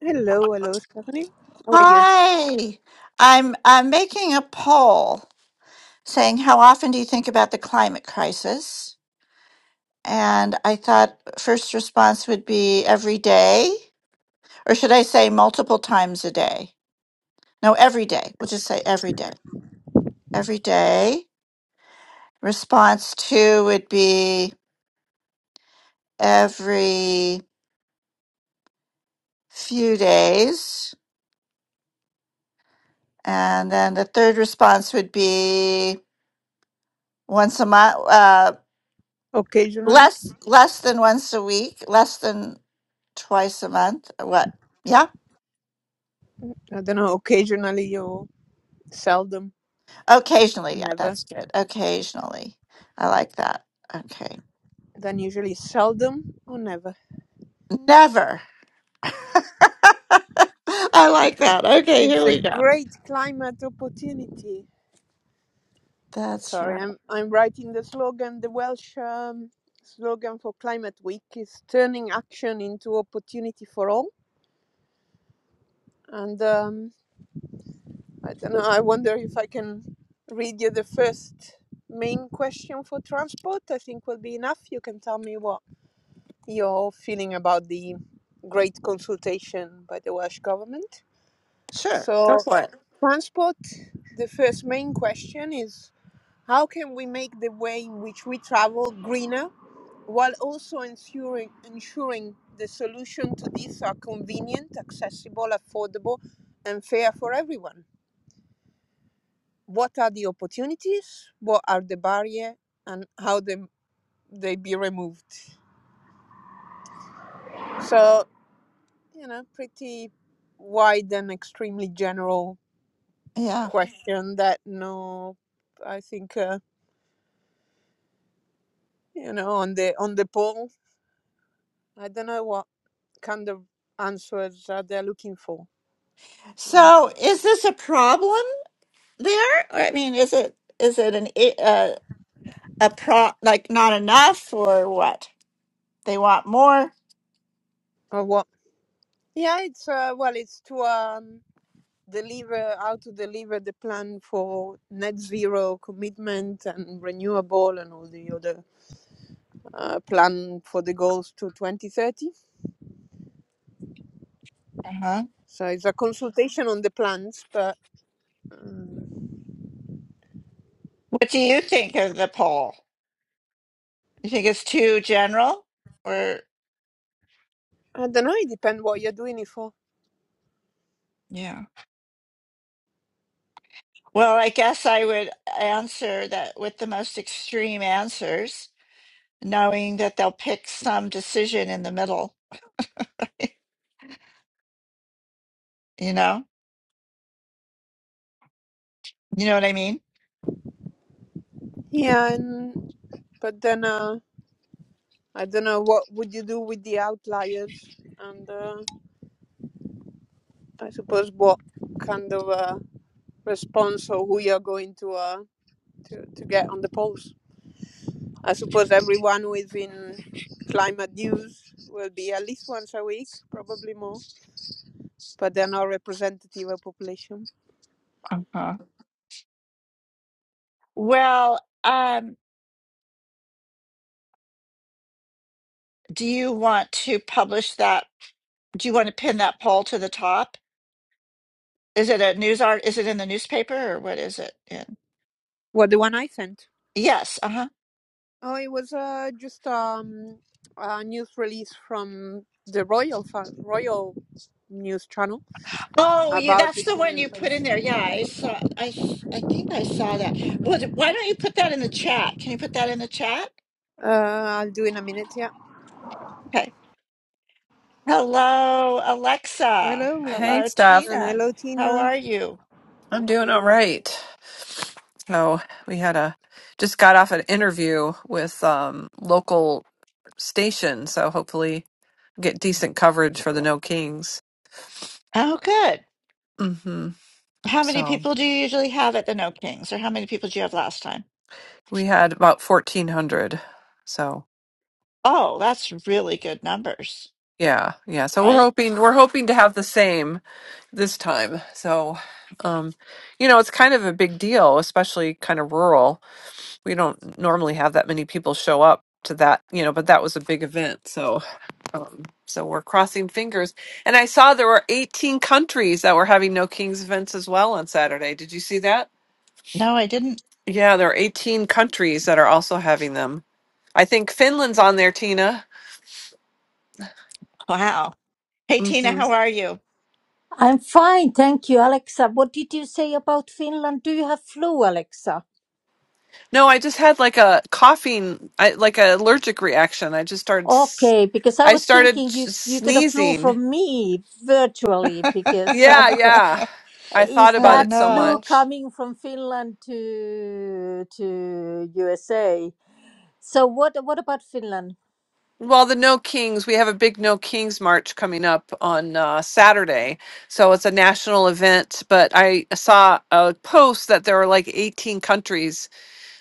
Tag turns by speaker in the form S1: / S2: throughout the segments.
S1: Hello, hello, Stephanie. How are you?
S2: Hi, I'm I'm making a poll saying how often do you think about the climate crisis? And I thought first response would be every day, or should I say multiple times a day? No, every day. We'll just say every day. Every day. Response two would be every few days, and then the third response would be once a month, uh,
S1: Occasionally,
S2: less less than once a week, less than twice a month what yeah
S1: I don't know, occasionally or seldom,
S2: occasionally yeah
S1: never.
S2: that's good occasionally i like that okay
S1: Then usually seldom or never.
S2: never i like that okay here
S1: It's a
S2: we go
S1: great climate opportunity.
S2: that's
S1: Sorry,
S2: right
S1: I'm I'm writing the slogan. The Welsh um, slogan for Climate Week is turning action into opportunity for all. And um, I don't know. I wonder if I can read you the first main question for transport. I think will be enough. You can tell me what your feeling about the great consultation by the Welsh government.
S2: sure go
S1: So,
S2: for it
S1: transport, the first main question is how can we make the way in which we travel greener while also ensuring, ensuring the solution to this are convenient, accessible, affordable, and fair for everyone? What are the opportunities? What are the barriers? And how they, they be removed? So you know, pretty wide and extremely general
S2: yeah
S1: question that no, I think uh, you know on the on the poll, I don't know what kind of answers are they looking for, you know,
S2: so is this a problem there Or, i mean is it is it an issue a pro like not enough or what? They want more.
S1: or what? Yeah, it's uh, well, it's to um deliver how to deliver the plan for net zero commitment and renewable and all the other uh, plan for the goals to 2030
S2: Uh-huh.
S1: so it's a consultation on the plans but Um,
S2: What do you think of the poll? You think it's too general or
S1: I don't know. It depends what you're doing it for.
S2: Yeah. well, I guess I would answer that with the most extreme answers, knowing that they'll pick some decision in the middle, you know? You know what I mean?
S1: Yeah, and but then uh, I don't know what would you do with the outliers, and uh, I suppose what kind of uh, response or who you're going to uh, to to get on the polls. I suppose everyone who is in climate news will be at least once a week, probably more. But they're not representative of population.
S2: Uh-huh. Well, um, do you want to publish that? Do you want to pin that poll to the top? Is it a news art? Is it in the newspaper or what is it in?
S1: What the one I sent?
S2: Yes. Uh huh.
S1: Oh, it was uh, just um, a news release from the royal fa- royal news channel
S2: Oh, you,
S1: about
S2: that's
S1: the
S2: the
S1: king
S2: one you
S1: and
S2: put in
S1: prince.
S2: there. Yeah, I saw. I s- I think I saw that. Well, d- why don't you put that in the chat? Can you put that in the chat?
S1: Uh, I'll do in a minute. Yeah.
S2: Okay. Hello, Alexa.
S1: Hello,
S3: Hey,
S2: Hello,
S3: Steph.
S1: and
S2: Tina.
S1: hello,
S2: How
S1: Tina.
S2: are you?
S3: I'm doing all right. So we had a just got off an interview with um local station, so hopefully get decent coverage for the No Kings.
S2: Oh, good.
S3: Mm-hmm.
S2: How many
S3: So
S2: people do you usually have at the No Kings, or how many people did you have last time?
S3: we had about fourteen hundred. So
S2: Oh, that's really good numbers,
S3: yeah, yeah. So we're
S2: right?
S3: hoping we're hoping to have the same this time. So um you know it's kind of a big deal, especially kind of rural. We don't normally have that many people show up to that, you know, but that was a big event. So Um, so we're crossing fingers. And I saw there were 18 countries that were having no kings events as well on Saturday. Did you see that?
S2: No, I didn't.
S3: Yeah, there are 18 countries that are also having them. I think Finland's on there, Tina.
S2: Wow. Hey, Tina,
S3: hmm
S2: how are you?
S4: I'm fine, thank you, Alexa. What did you say about Finland? Do you have flu, Alexa?
S3: No, I just had like a coughing, I, like an allergic reaction. I just started, s-
S4: Okay, because I
S3: I
S4: was
S3: started
S4: thinking you
S3: s-
S4: you got a flu
S3: sneezing.
S4: from me virtually because
S3: Yeah,
S4: I've got.
S3: yeah. I thought
S4: Is
S3: about
S2: Oh,
S3: it
S4: that
S3: so
S4: flu
S2: no.
S3: much.
S4: coming from Finland to to USA? So what what about Finland?
S3: Well, the No Kings, we have a big No Kings march coming up on uh, Saturday. So it's a national event. But I saw a post that there were like 18 countries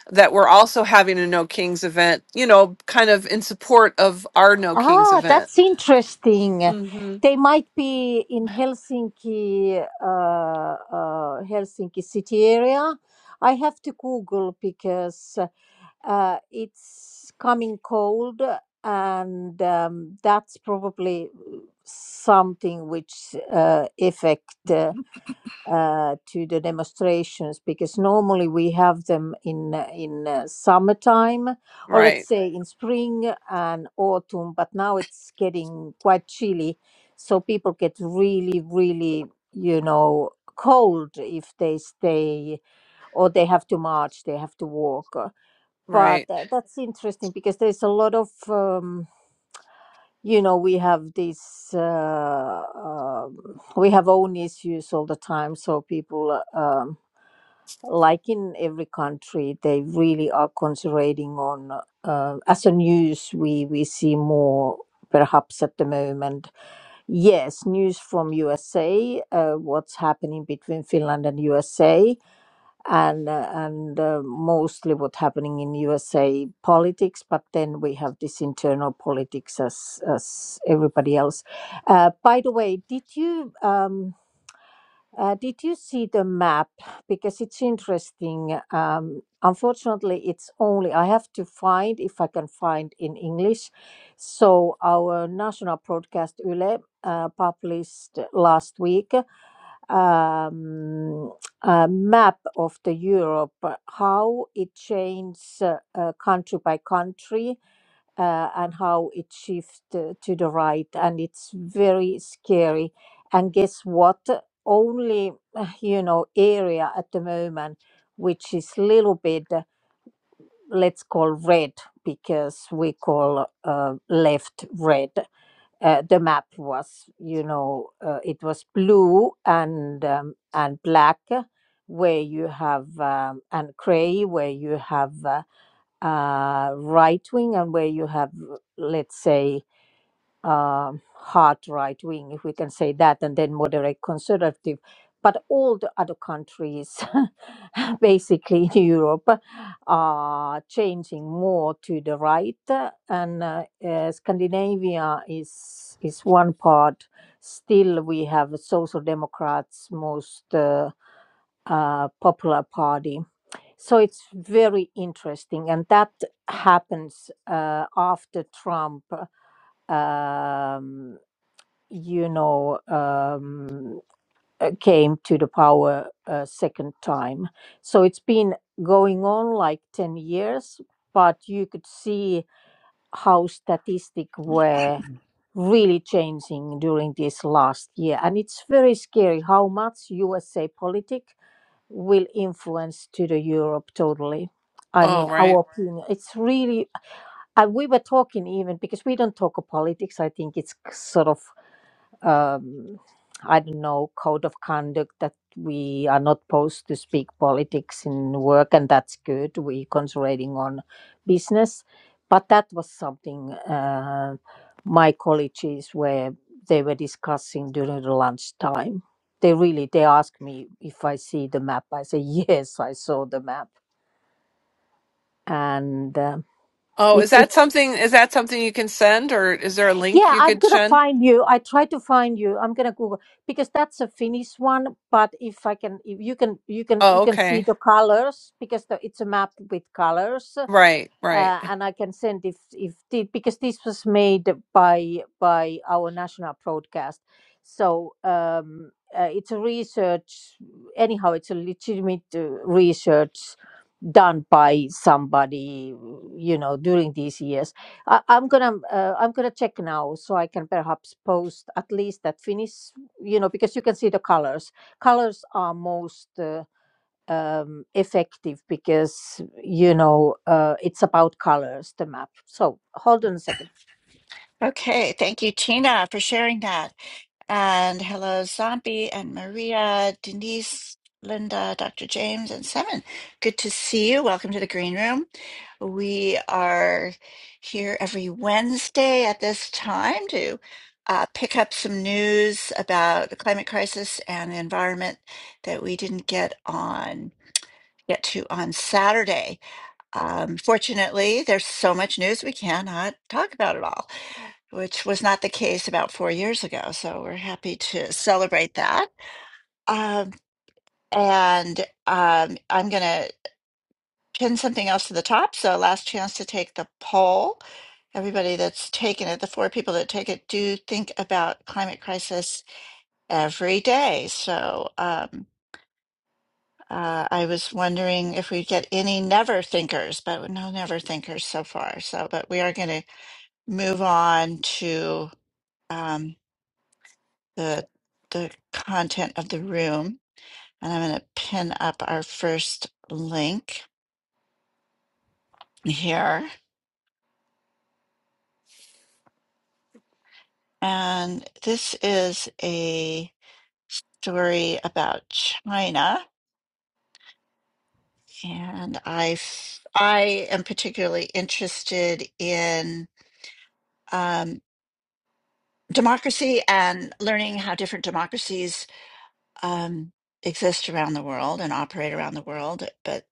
S3: that were also having a No Kings event, you know, kind of in support of our No Kings
S4: Ah,
S3: event.
S4: that's interesting.
S3: hmm
S4: They might be in Helsinki, uh, uh, Helsinki city area. I have to Google because uh, it's coming cold, and um, that's probably something which uh, affect. Uh, uh, to the demonstrations because normally we have them in uh, in uh, summertime or let's
S3: Right,
S4: say in spring and autumn but now it's getting quite chilly so people get really really you know cold if they stay or they have to march they have to walk Uh, but
S3: right.
S4: uh, that's interesting because there's a lot of um, you know we have these uh, um we have own issues all the time so people uh, um, like in every country they really are concentrating on uh, as a news we we see more perhaps at the moment yes news from usa uh, what's happening between finland and usa and uh, and uh, mostly what's happening in USA politics. But then we have this internal politics as as everybody else. Uh, by the way, did you um, uh, did you see the map? Because it's interesting. Um, unfortunately, it's only I have to find if I can find in English. So our national broadcast Yle uh, published last week um, a map of the Europe, uh, how it changes uh, uh, country by country uh, and how it shifts uh, to the right. And it's very scary. And guess what? Only, uh, you know, area at the moment, which is little bit, uh, let's call red because we call uh, left red uh, the map was you know uh, it was blue and um, and black uh, where you have um, and gray where you have uh, uh, right wing and where you have uh, let's say um, hard right wing, if we can say that, and then moderate conservative. But all the other countries, basically in Europe, are changing more to the right, uh, and uh, uh, Scandinavia is is one part. Still, we have social democrats most uh, uh, popular party. So it's very interesting, and that happens uh, after Trump um, you know, um, uh, came to the power a second time. So it's been going on like 10 years, but you could see how statistics were really changing during this last year. And it's very scary how much USA politic will influence to the Europe totally. I
S3: Oh,
S4: mean,
S3: right.
S4: our opinion, it's really, and we were talking even because we don't talk of politics. I think it's k- sort of um, I don't know, code of conduct that we are not supposed to speak politics in work, and that's good. We're concentrating on business. But that was something uh, my colleagues were they were discussing during the lunchtime. They really they asked me if I see the map. I say yes, I saw the map, and um
S3: Oh, is
S4: it's
S3: that
S4: it's
S3: something? Is that something you can send, or is there a link
S4: Yeah,
S3: you
S4: I'm
S3: could
S4: gonna
S3: send?
S4: find you. I try to find you. I'm gonna Google because that's a Finnish one. But if I can, if you can, you can, you
S3: Oh,
S4: can see
S3: okay.
S4: the colors because the, it's a map with colors
S3: Right, right.
S4: uh, and I can send if if the, because this was made by by our national broadcast, so um, uh, it's a research. Anyhow, it's a legitimate uh, research done by somebody you know during these years I, i'm gonna uh, i'm gonna check now so i can perhaps post at least that Finnish. you know because you can see the colors colors are most uh, um, effective because you know uh, it's about colors the map so hold on a second
S2: Okay. Thank you, Tina, for sharing that. And hello, Zombie and Maria, Denise, Linda, Dr. James, and Seven. Good to see you. Welcome to the Green Room. We are here every Wednesday at this time to uh, pick up some news about the climate crisis and the environment that we didn't get on get to on Saturday. Um, fortunately, there's so much news we cannot talk about it all, which was not the case about four years ago. So we're happy to celebrate that. Um, and um, I'm going to pin something else to the top. So last chance to take the poll. Everybody that's taken it, the four people that take it, do think about climate crisis every day. So um, uh, I was wondering if we get any never thinkers, but no never thinkers so far. So, but we are going to move on to um, the the content of the room, and I'm going to pin up our first link here. And this is a story about China, and I f- I am particularly interested in um, democracy and learning how different democracies um, exist around the world and operate around the world. But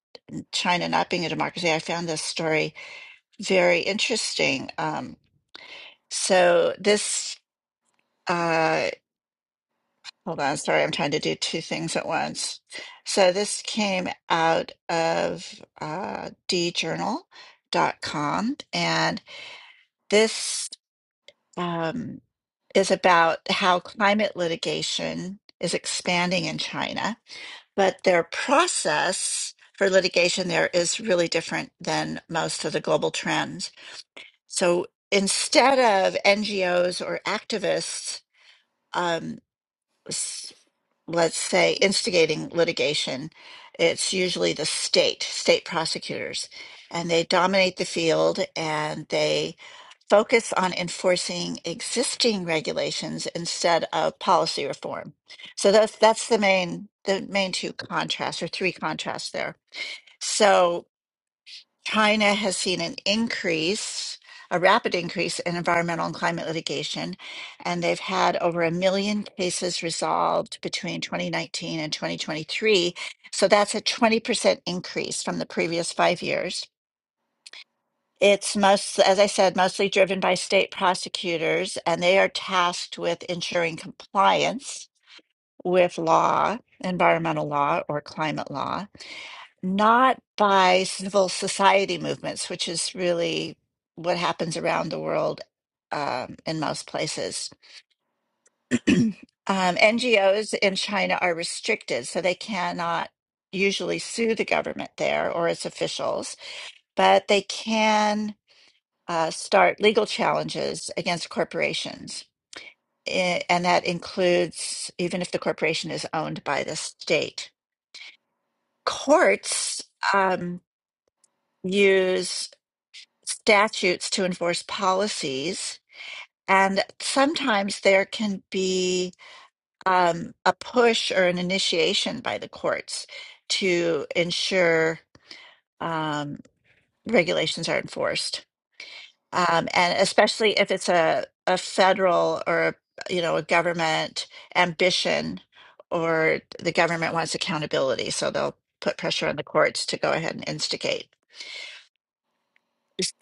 S2: China not being a democracy, I found this story very interesting. Um, so this, uh, hold on, sorry, I'm trying to do two things at once. So this came out of uh, d journal dot com, and this um, is about how climate litigation is expanding in China, but their process for litigation there is really different than most of the global trends. So instead of NGOs or activists, um, s- let's say, instigating litigation, it's usually the state, state prosecutors, and they dominate the field and they focus on enforcing existing regulations instead of policy reform. So that's that's the main the main two contrasts or three contrasts there. So China has seen an increase, a rapid increase in environmental and climate litigation, and they've had over a million cases resolved between 2019 and 2023. So that's a 20% increase from the previous five years. It's most, as I said, mostly driven by state prosecutors, and they are tasked with ensuring compliance with law, environmental law, or climate law not by civil society movements, which is really what happens around the world um, in most places. um, NGOs in China are restricted, so they cannot usually sue the government there or its officials, but they can uh, start legal challenges against corporations. I- And that includes even if the corporation is owned by the state. Courts um, use statutes to enforce policies. And sometimes there can be um, a push or an initiation by the courts to ensure um, regulations are enforced. Um, and especially if it's a, a federal or, a, you know, a government ambition or the government wants accountability. So they'll put pressure on the courts to go ahead and instigate.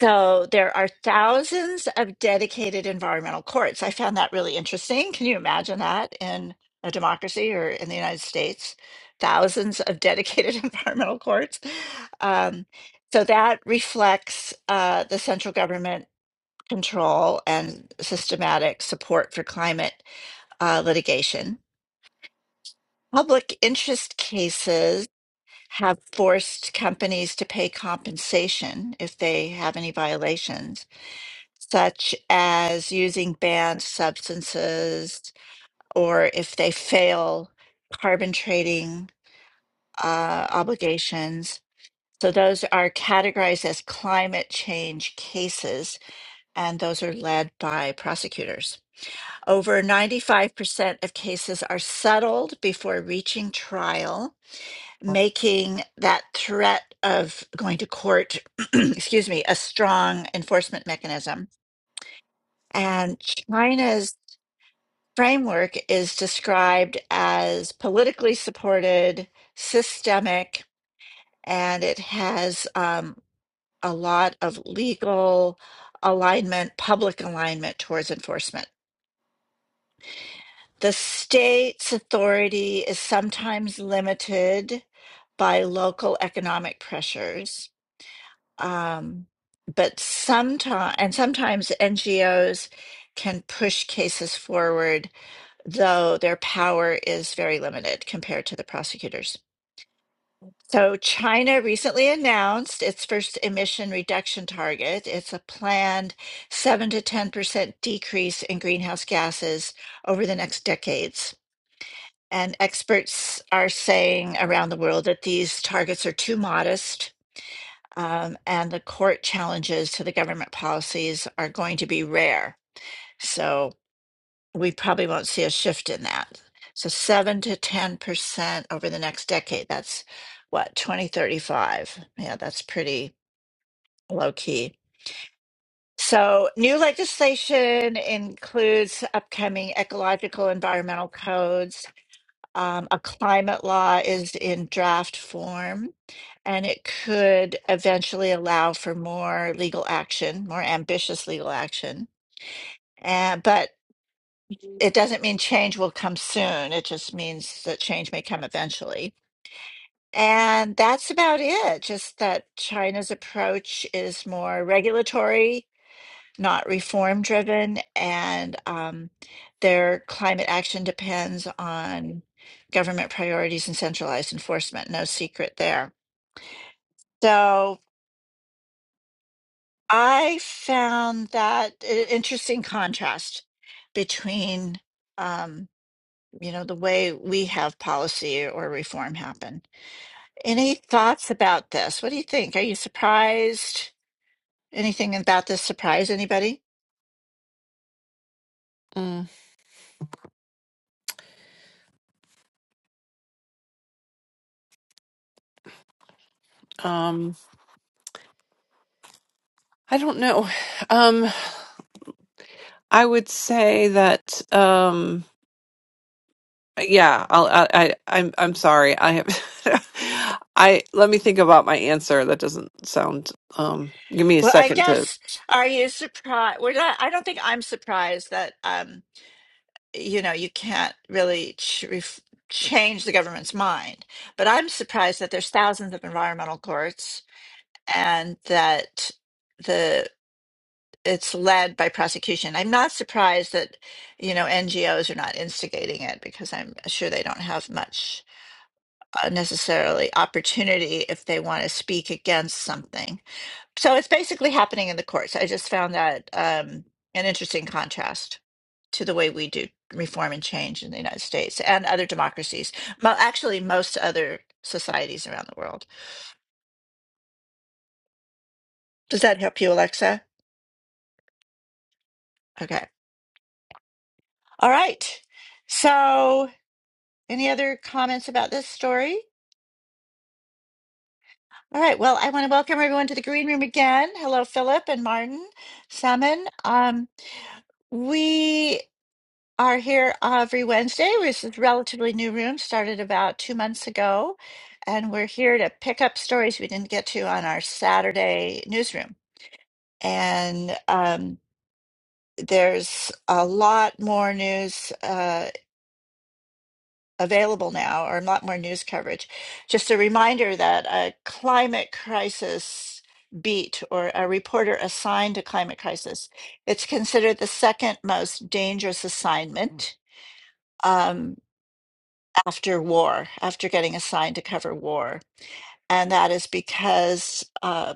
S2: So there are thousands of dedicated environmental courts. I found that really interesting. Can you imagine that in a democracy or in the United States? Thousands of dedicated environmental courts. Um, so that reflects uh, the central government control and systematic support for climate uh, litigation. Public interest cases have forced companies to pay compensation if they have any violations such as using banned substances or if they fail carbon trading uh, obligations. So those are categorized as climate change cases, and those are led by prosecutors. Over 95% of cases are settled before reaching trial, making that threat of going to court, excuse me, a strong enforcement mechanism. And China's framework is described as politically supported, systemic, and it has um, a lot of legal alignment, public alignment towards enforcement. The state's authority is sometimes limited by local economic pressures, um, but sometimes, and sometimes NGOs can push cases forward though their power is very limited compared to the prosecutors. So, China recently announced its first emission reduction target. It's a planned 7 to 10% decrease in greenhouse gases over the next decades. And experts are saying around the world that these targets are too modest, um, and the court challenges to the government policies are going to be rare. So, we probably won't see a shift in that. So seven to ten percent over the next decade. That's what, twenty thirty five. Yeah, that's pretty low key. So new legislation includes upcoming ecological environmental codes. Um, a climate law is in draft form, and it could eventually allow for more legal action, more ambitious legal action. And but. it doesn't mean change will come soon. It just means that change may come eventually. And that's about it. Just that China's approach is more regulatory, not reform driven. And um, their climate action depends on government priorities and centralized enforcement. No secret there. So I found that an interesting contrast between. um, you know, the way we have policy or reform happen. Any thoughts about this? What do you think? Are you surprised? Anything about this surprise anybody?
S3: Mm, um, I don't know. Um, I would say that um yeah, I'll, I I I'm I'm sorry. I have I let me think about my answer. That doesn't sound um give me a
S2: Well, I
S3: second to
S2: guess are you surprised? We're not. I don't think I'm surprised that um, you know you can't really ch ref change the government's mind. But I'm surprised that there's thousands of environmental courts and that the it's led by prosecution. I'm not surprised that you know NGOs are not instigating it because I'm sure they don't have much uh, necessarily opportunity if they want to speak against something so it's basically happening in the courts. I just found that um, an interesting contrast to the way we do reform and change in the United States and other democracies. Well, actually, most other societies around the world. Does that help you, Alexa? Okay. All right. So, any other comments about this story? All right. Well, I want to welcome everyone to the green room again. Hello, Philip and Martin, Salmon. Um, we are here every Wednesday. This is a relatively new room, started about two months ago, and we're here to pick up stories we didn't get to on our Saturday newsroom. And um, there's a lot more news uh, available now, or a lot more news coverage. Just a reminder that a climate crisis beat or a reporter assigned to climate crisis it's considered the second most dangerous assignment Um, after war, after getting assigned to cover war. And that is because uh,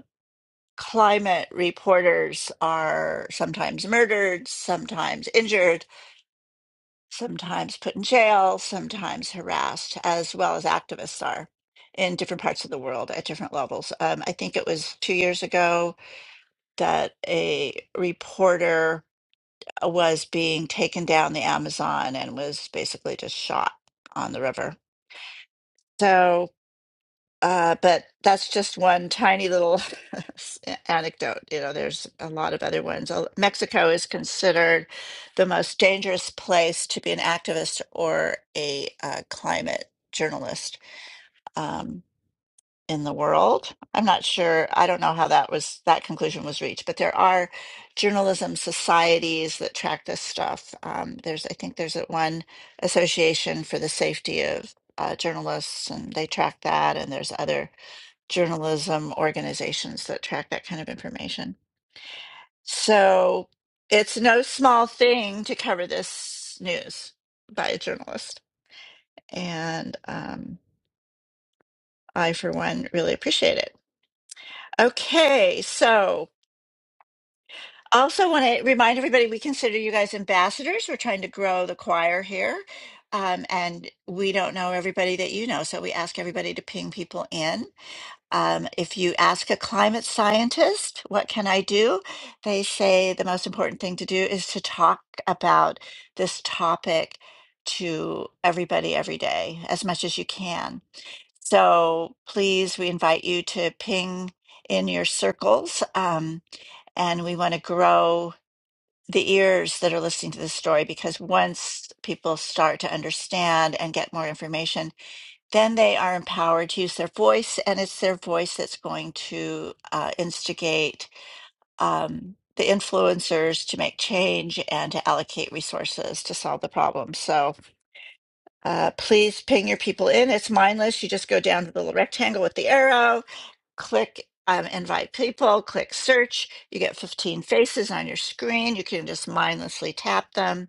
S2: climate reporters are sometimes murdered, sometimes injured, sometimes put in jail, sometimes harassed, as well as activists are in different parts of the world at different levels. Um, I think it was two years ago that a reporter uh, was being taken down the Amazon and was basically just shot on the river. So Uh, but that's just one tiny little anecdote. You know, there's a lot of other ones. Al- Mexico is considered the most dangerous place to be an activist or a uh, climate journalist um, in the world. I'm not sure. I don't know how that was that conclusion was reached, but there are journalism societies that track this stuff. Um, there's, I think, there's that one association for the safety of uh, journalists, and they track that, and there's other journalism organizations that track that kind of information. So it's no small thing to cover this news by a journalist. And um, I, for one, really appreciate it. Okay. So also want to remind everybody we consider you guys ambassadors. We're trying to grow the choir here. Um, and we don't know everybody that you know. So we ask everybody to ping people in. Um, if you ask a climate scientist, what can I do? They say the most important thing to do is to talk about this topic to everybody every day as much as you can. So please, we invite you to ping in your circles. Um, and we want to grow the ears that are listening to this story because once people start to understand and get more information, then they are empowered to use their voice, and it's their voice that's going to uh, instigate um, the influencers to make change and to allocate resources to solve the problem. So uh, please ping your people in. It's mindless. You just go down to the little rectangle with the arrow, click. Um, invite people, click search. You get 15 faces on your screen. You can just mindlessly tap them.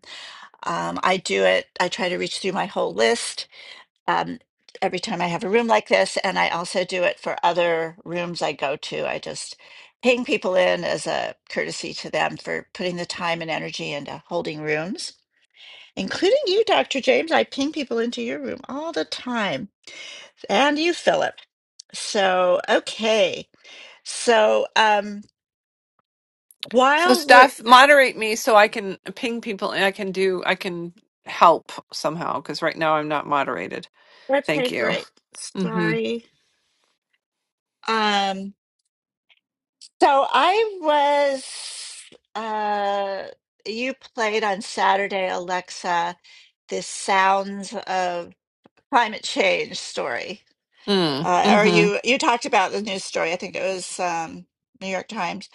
S2: Um, I do it, I try to reach through my whole list um, every time I have a room like this, and I also do it for other rooms I go to. I just ping people in as a courtesy to them for putting the time and energy into holding rooms, including you, Dr. James. I ping people into your room all the time, and you, Philip. So, okay. So, um,
S3: So
S2: while we're
S3: Steph, moderate me so I can ping people and I can do I can help somehow cuz right now I'm not moderated. Thank
S2: okay,
S3: you.
S2: great.
S3: Mhm.
S2: Sorry. Um, So I was, uh, you played on Saturday, Alexa, this Sounds of Climate Change story.
S3: Mm,
S2: Uh, or
S3: mhm.
S2: you, you talked about the news story. I think it was um, New York Times.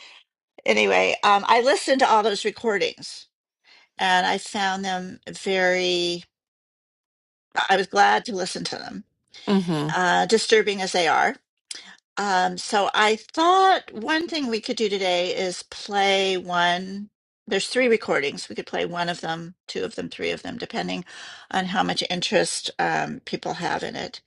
S2: Anyway, um, I listened to all those recordings and I found them very, I was glad to listen to them, uh, disturbing as they are. Um, so I thought one thing we could do today is play one. There's three recordings. We could play one of them, two of them, three of them, depending on how much interest um, people have in it.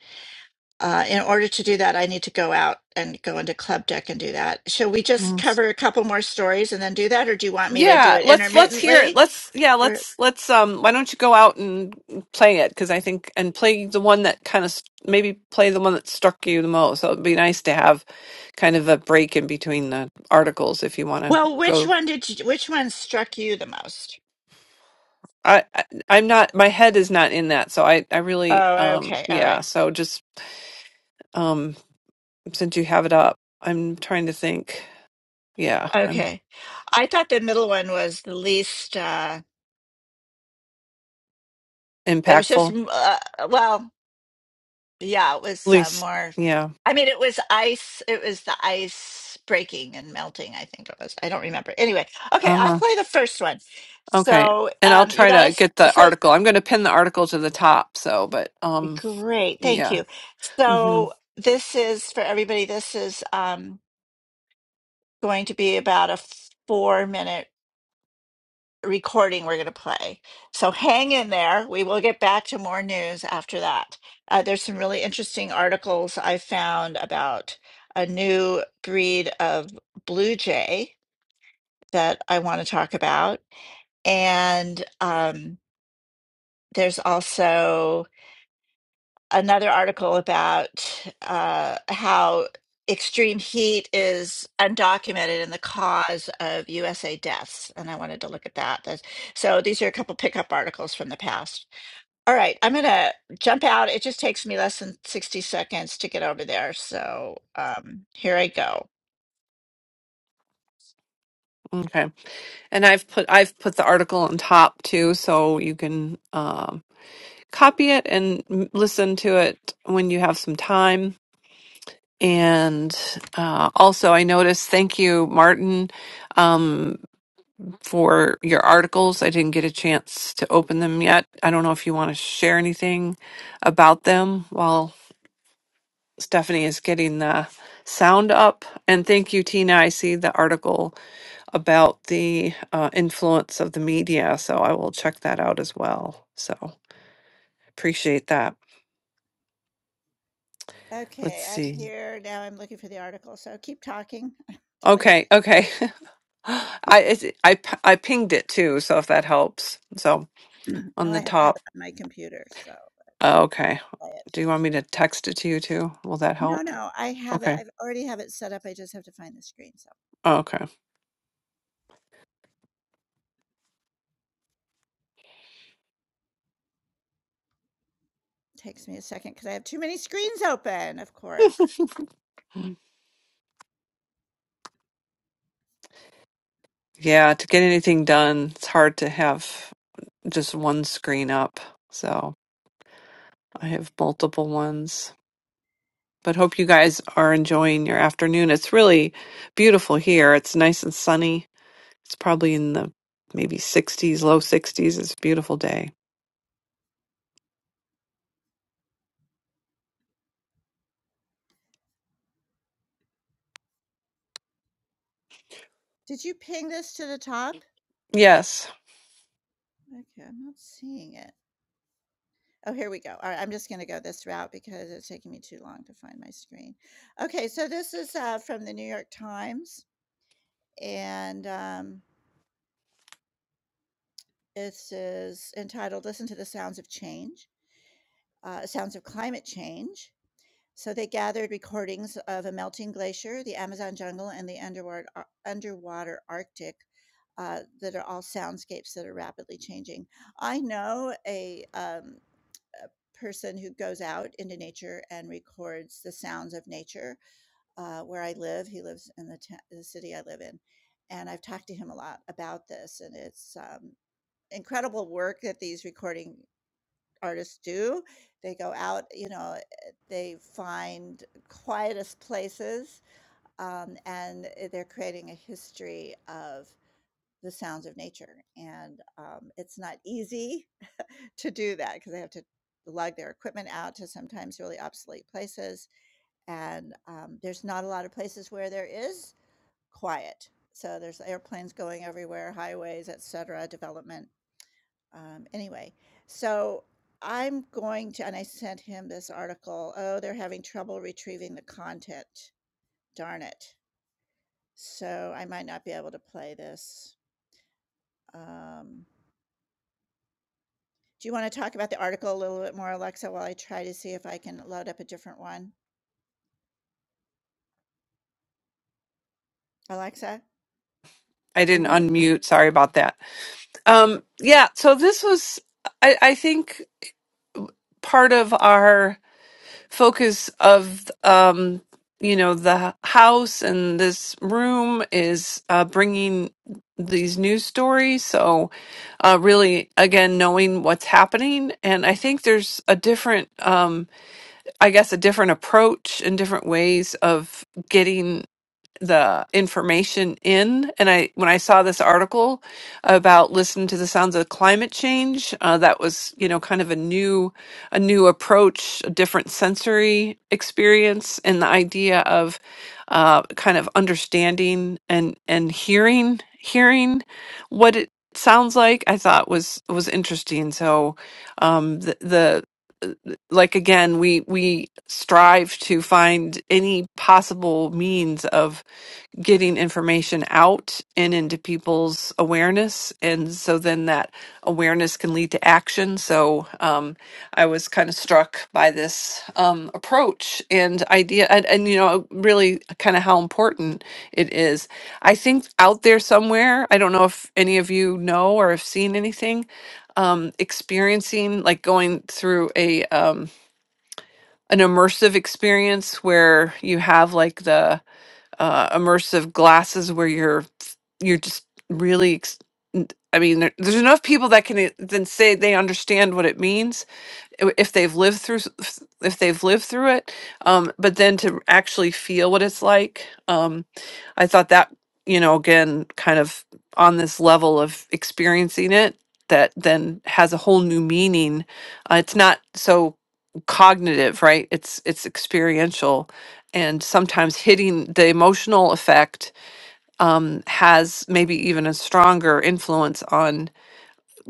S2: Uh, in order to do that, I need to go out and go into Club Deck and do that. Shall we
S3: Mhm.
S2: just cover a couple more stories and then do that, or do you want me to do
S3: Yeah,
S2: it
S3: let's let's hear it.
S2: intermittently?
S3: Let's yeah,
S2: Or
S3: let's let's um why don't you go out and play it because I think and play the one that kind of maybe play the one that struck you the most. So it'd be nice to have kind of a break in between the articles if you want to
S2: well, which
S3: go
S2: one did you? Which one struck you the most?
S3: I, I I'm not my head is not in that. So I I really
S2: Oh,
S3: um
S2: okay, all
S3: yeah,
S2: right,
S3: so just um since you have it up, I'm trying to think. Yeah, I'm
S2: okay. I thought the middle one was the least. Uh, It was just,
S3: impactful.
S2: uh, well, yeah, it was uh,
S3: Least
S2: more.
S3: yeah.
S2: I mean, it was ice. It was the ice breaking and melting, I think it was. I don't remember. Anyway, okay, I'll
S3: uh-huh.
S2: play the first one.
S3: Okay.
S2: So,
S3: And I'll
S2: um, you
S3: try to
S2: guys,
S3: get the
S2: so
S3: article. I'm going to pin the article to the top. So, but um,
S2: great. Thank
S3: yeah.
S2: you.
S3: hmm
S2: So, this is for everybody, this is um, going to be about a four minute recording we're going to play. So hang in there. We will get back to more news after that. Uh, there's some really interesting articles I found about a new breed of blue jay that I want to talk about. And um, there's also another article about uh, how extreme heat is undocumented in the cause of USA deaths. And I wanted to look at that. That's- So these are a couple pickup articles from the past. All right, I'm going to jump out. It just takes me less than 60 seconds to get over there. So um, here I go.
S3: Okay. And I've put I've put the article on top too, so you can um, copy it and m- listen to it when you have some time. And uh, also, I noticed. Thank you, Martin, um, for your articles. I didn't get a chance to open them yet. I don't know if you want to share anything about them. Stephanie is getting the sound up. And thank you, Tina. I see the article about the uh, influence of the media, so I will check that out as well. So appreciate that. Let's
S2: Okay, I'm
S3: see.
S2: here. Now I'm looking for the article. So keep talking until I,
S3: Okay, okay. I it's, I p- I pinged it too, so if that helps. So on
S2: well,
S3: the
S2: I have to have
S3: top.
S2: it on my computer. So.
S3: uh,
S2: uh,
S3: Okay.
S2: play it
S3: Do
S2: through
S3: you want me to text it to you too? Will that
S2: No,
S3: help?
S2: no, I have it.
S3: Okay.
S2: I've already have it set up. I just have to find the screen, so
S3: Oh, Okay.
S2: it takes me a second because I have too many screens open, of course.
S3: Yeah, to get anything done, it's hard to have. just one screen up. So I
S2: Yeah.
S3: have multiple ones. But
S2: E
S3: hope you guys are enjoying your afternoon. It's really beautiful here. It's nice and sunny. It's probably in the maybe 60s, low 60s. It's a beautiful day.
S2: Did you ping this to the top?
S3: Yes,
S2: Okay, I'm not seeing it. Oh, here we go. All right, I'm just going to go this route because it's taking me too long to find my screen. Okay, so this is uh, from the New York Times, and um, this is entitled Listen to the Sounds of Change, uh, Sounds of Climate Change. So they gathered recordings of a melting glacier, the Amazon jungle, and the underwater, uh, underwater Arctic uh, that are all soundscapes that are rapidly changing. I know a um, a person who goes out into nature and records the sounds of nature uh, where I live. He lives in the, ta- the city I live in. And I've talked to him a lot about this. And it's um, incredible work that these recording artists do. They go out, you know, eh, they find quietest places um, and eh, they're creating a history of the sounds of nature. And um, it's not easy to do that, because they have to lug their equipment out to sometimes really obsolete places, and, um, there's not a lot of places where there is quiet. So there's airplanes going everywhere, highways, etcetera, development, um, anyway. So I'm going to and I sent him this article, "Oh, they're having trouble retrieving the content. Darn it." So I might not be able to play this. Um, do you wanna talk about the article a little bit more, Alexa, while I try to see if I can load up a different one? Alexa?
S3: I didn't unmute. Sorry about that. Um, yeah, so this was, I, I think, part of our. focus of um you know the house and this room is uh bringing these news stories so uh really again knowing what's happening and i think there's a different um i guess a different approach and different ways of getting the information in and i when i saw this article about listening to the sounds of climate change uh, that was you know kind of a new a new approach a different sensory experience and the idea of uh, kind of understanding and and hearing hearing what it sounds like i thought was was interesting so um the, the like again we we strive to find any possible means of getting information out and into people's awareness. And so then that awareness can lead to action. So um, I was kind of struck by this um, approach and idea, and, and you know, really kind of how important it is. I think out there somewhere, I don't know if any of you know or have seen anything. Um, experiencing like going through a um, an immersive experience where you have like the uh, immersive glasses where you're you're just really ex- n- i mean there, there's enough people that can e- then say they understand what it means i- if they've lived through s- if they've lived through it um but then to actually feel what it's like um i thought that you know again kind of on this level of experiencing it that then has a whole new meaning uh, it's not so cognitive right it's it's experiential and sometimes hitting the emotional effect um, has maybe even a stronger influence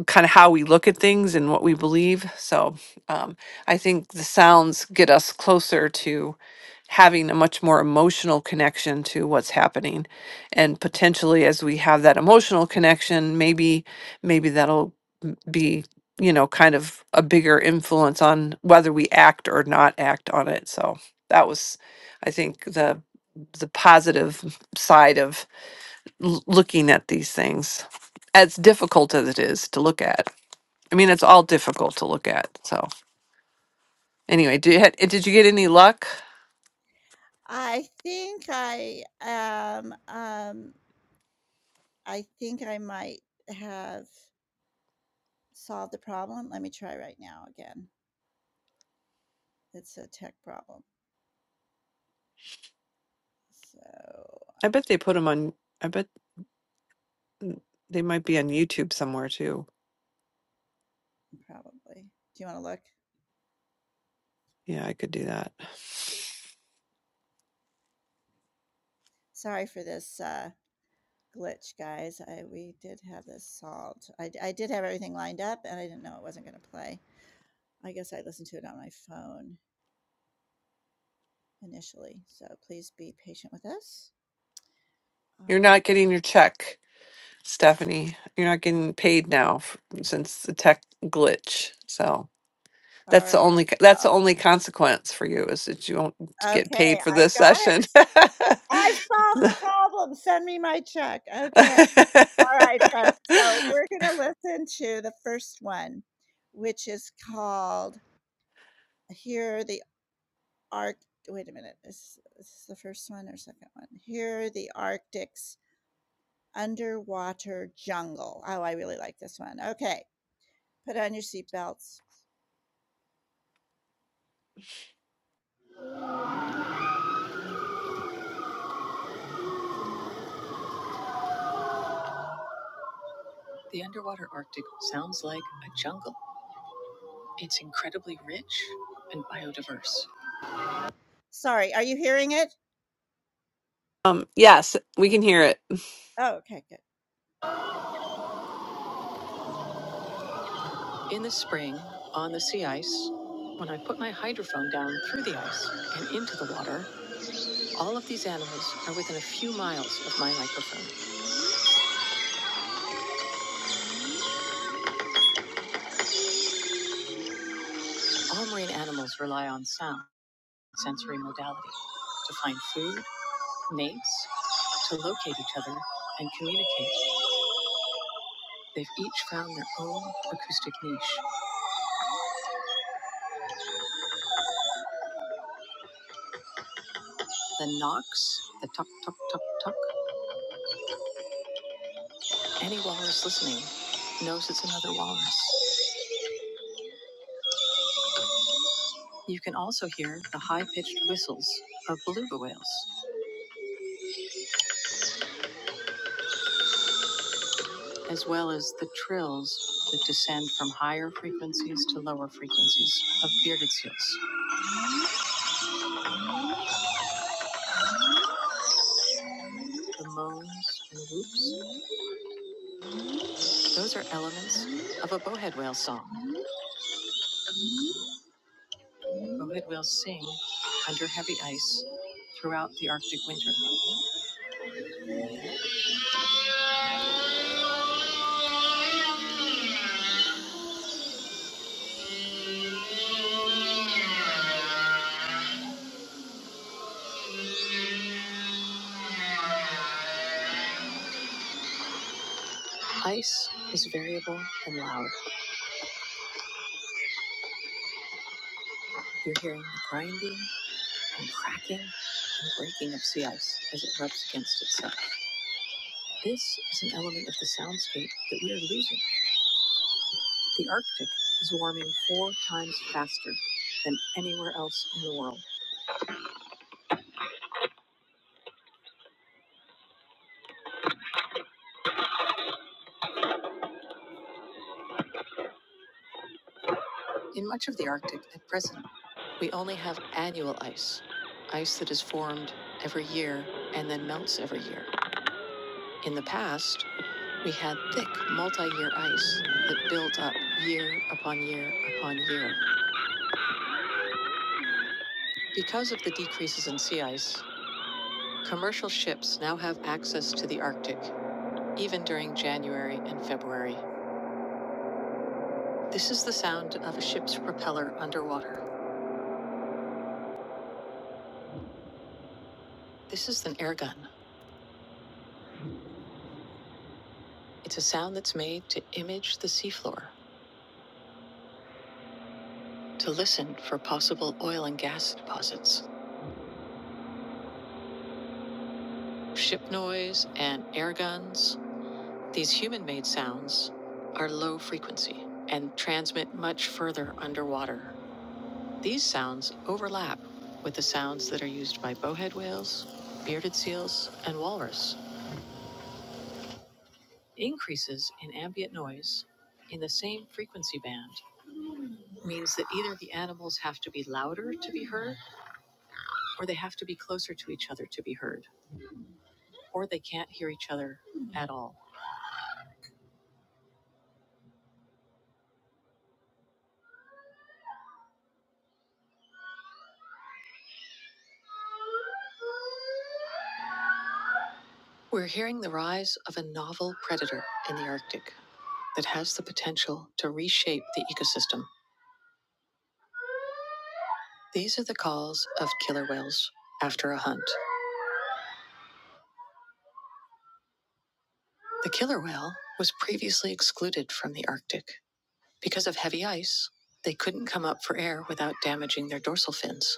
S3: kind of how we look at things and what we believe. So um, I think the sounds get us closer to having a much more emotional connection to what's happening, and potentially as we have that emotional connection, maybe maybe that'll be you know kind of a bigger influence on whether we act or not act on it. So that was, I think the the positive side of l- looking at these things as difficult as it is to look at I mean, it's all difficult to look at. So anyway, did you had, did you get any luck?
S2: I think I am, um, I think I might have solved the problem. Let me try right now again. It's a tech problem. So,
S3: I bet they put them on. I bet they might be on YouTube somewhere too.
S2: probably. Do you want to look?
S3: Yeah, I could do that.
S2: Sorry for this uh, glitch, guys. I, we did have this solved. I I did have everything lined up and I didn't know it wasn't going to play. I guess I listened to it on my phone initially. So, please be patient with us.
S3: You're
S2: Uh,
S3: not getting your check, Stephanie. You're not getting paid now f since the tech glitch. So
S2: all
S3: that's the
S2: right.
S3: only that's
S2: Uh,
S3: the only consequence for you is that you won't get
S2: Okay,
S3: paid for
S2: I've
S3: this
S2: got it.
S3: session.
S2: I've solved the problem. Send me my check. Okay. All right, folks. So we're going to listen to the first one, which is called Here the Arc. Wait a minute. Is, is this the first one or second one? Here the Arctic's Underwater Jungle. Oh, I really like this one. Okay. Put on your seatbelts. The underwater Arctic sounds like a jungle. It's incredibly rich and biodiverse. Sorry. Are you hearing it?
S3: um, yes, we can hear it.
S2: Oh, okay. Good. In the spring, on the sea ice, when I put my hydrophone down through the ice and into the water, all of these animals are within a few miles of my microphone. All marine animals rely on sound, sensory modality, to find food, mates, to locate each other, and communicate. They've each found their own acoustic niche. The knocks, the tuck, tuck, tuck, tuck. Any walrus listening knows it's another walrus. You can also hear the high pitched whistles of beluga whales as well as the trills that descend from higher frequencies to lower frequencies of bearded seals. The moans and whoops, those are elements of a bowhead whale song. Bowhead whales sing under heavy ice throughout the Arctic winter. Ice is variable and loud. You're hearing the grinding and cracking and breaking of sea ice as it rubs against itself. This is an element of the soundscape that we are losing The Arctic is warming four times faster than anywhere else in the world. In much of the Arctic at present, we only have annual ice, ice that is formed every year and then melts every year. In the past, we had thick multi year ice that built up year upon year upon year. Because of the decreases in sea ice, commercial ships now have access to the Arctic, even during January and February. This is the sound of a ship's propeller underwater. This is an air gun. It's a sound that's made to image the seafloor, to listen for possible oil and gas deposits. Ship noise and air guns, these human made sounds, are low frequency and transmit much further underwater. These sounds overlap with the sounds that are used by bowhead whales, bearded seals, and walrus. Increases in ambient noise in the same frequency band means that either the animals have to be louder to be heard, or they have to be closer to each other to be heard, or they can't hear each other at all. We're hearing the rise of a novel predator in the Arctic that has the potential to reshape the ecosystem. These are the calls of killer whales after a hunt. The killer whale was previously excluded from the Arctic. Because of heavy ice, they couldn't come up for air without damaging their dorsal fins.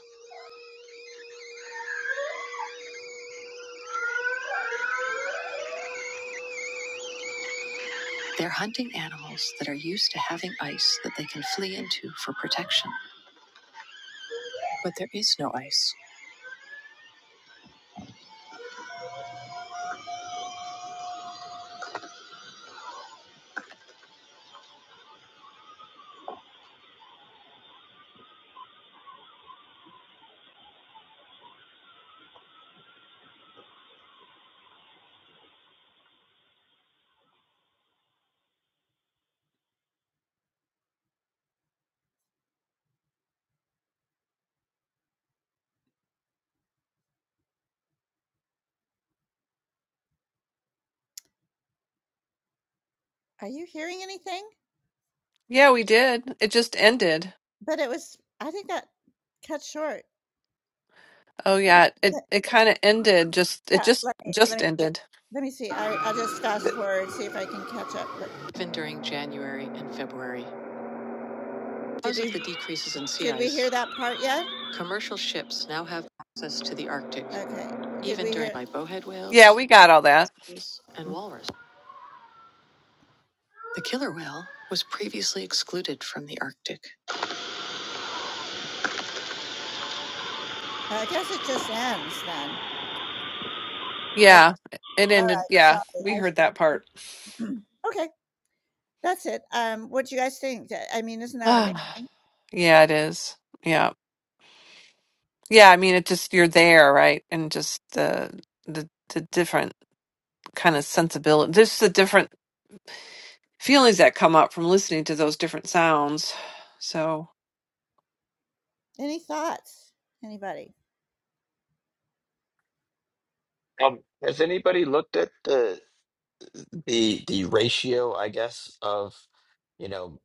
S2: They're hunting animals that are used to having ice that they can flee into for protection. But there is no ice. Are you hearing anything?
S3: Yeah, we did. It just ended.
S2: But it was, I think that cut short.
S3: Oh yeah, it it kind of ended just it
S2: Yeah,
S3: just
S2: let me let
S3: just
S2: me see.
S3: ended.
S2: Let me see. I I'll just fast forward, see if I can catch up. But Even during January and February, because did of the decreases in sea did ice, we hear that part yet? commercial ships now have access to the Arctic, Okay. Did even during by bowhead
S3: Yeah,
S2: whales
S3: we got all that.
S2: and walrus. The killer whale was previously excluded from the Arctic. I guess it just ends then. Okay.
S3: Yeah, it
S2: All
S3: ended.
S2: right.
S3: Yeah, we
S2: Sorry.
S3: heard that part.
S2: I. Okay. That's it. Um, what do you guys think? That- I mean, isn't that
S3: Ah,
S2: amazing?
S3: yeah, it is. Yeah. Yeah, I mean it just you're there, right? And just the the the different kind of sensibility. Just the different feelings that come up from listening to those different sounds. So,
S2: Any thoughts? Anybody?
S5: Um, has anybody looked at the the the ratio, I guess, of you know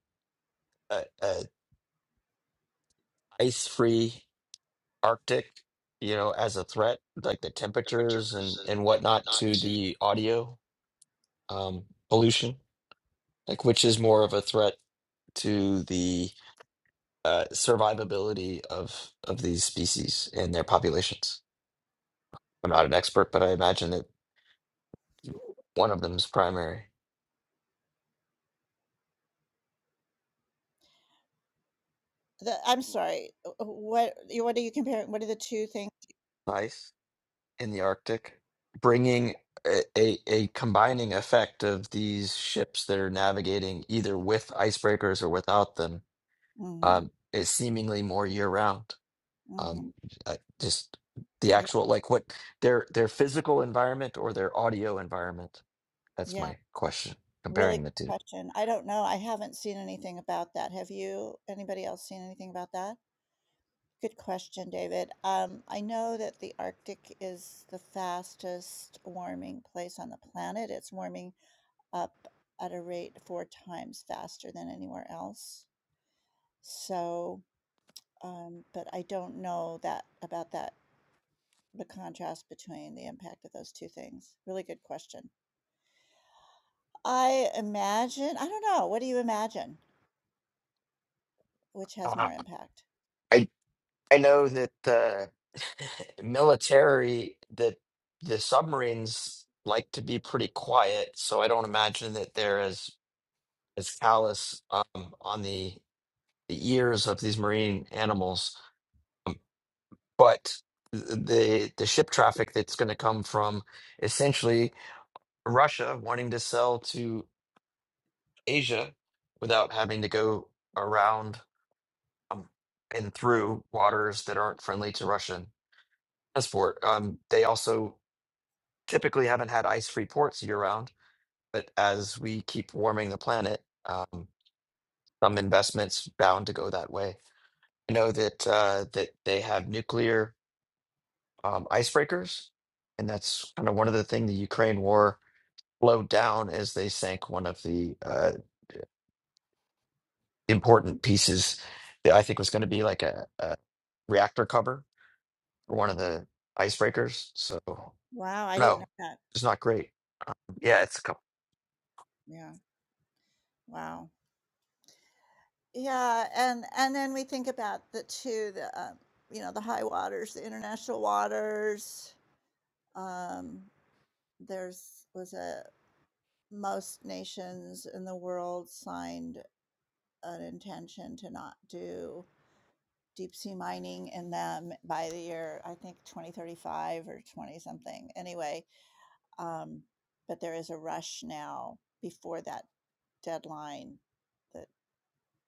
S5: a, a ice-free Arctic, you know, as a threat, like the temperatures and and whatnot to the audio um, pollution, like which is more of a threat to the uh, survivability of of these species and their populations? I'm not an expert, but I imagine that one of them is primary.
S2: The, I'm sorry. uh, uh, What you- what are you comparing? What are the two things?
S5: Ice. in the Arctic, bringing a, a, a combining effect of these ships that are navigating either with icebreakers or without them
S2: hmm
S5: um, is seemingly more year round.
S2: hmm
S5: Um, I- just the
S2: Yeah.
S5: actual like what their their physical environment or their audio environment. That's
S2: Yeah.
S5: my question.
S2: Really
S5: Comparing
S2: good
S5: the two.
S2: question. I don't know. I haven't seen anything about that. Have you? Anybody else seen anything about that? Good question, David. Um, I know that the Arctic is the fastest warming place on the planet. It's warming up at a rate four times faster than anywhere else. So, um, but I don't know that about that, the contrast between the impact of those two things. Really good question. I imagine, I don't know, what do you imagine? Which has
S5: Ah.
S2: more impact?
S5: I I know that the military, that the submarines like to be pretty quiet, so I don't imagine that they're as as callous um, on the the ears of these marine animals. Um, But the the ship traffic that's going to come from essentially Russia wanting to sell to Asia without having to go around um, and through waters that aren't friendly to Russian transport. Um, they also typically haven't had ice-free ports year-round, but as we keep warming the planet, um, some investments bound to go that way. I know that uh, that they have nuclear um, icebreakers, and that's kind of one of the things the Ukraine war slowed down as they sank one of the uh, important pieces that I think was going to be like a, a reactor cover for one of the icebreakers. So
S2: Wow, I didn't know
S5: no,
S2: that.
S5: it's not great. Yeah, it's a couple.
S2: Yeah, wow. Yeah, and and then we think about the 2, the, um, you know, the high waters, the international waters, um, there's was a most nations in the world signed an intention to not do deep sea mining in them by the year, I think 2035 or 20 something. Anyway, um, but there is a rush now before that deadline that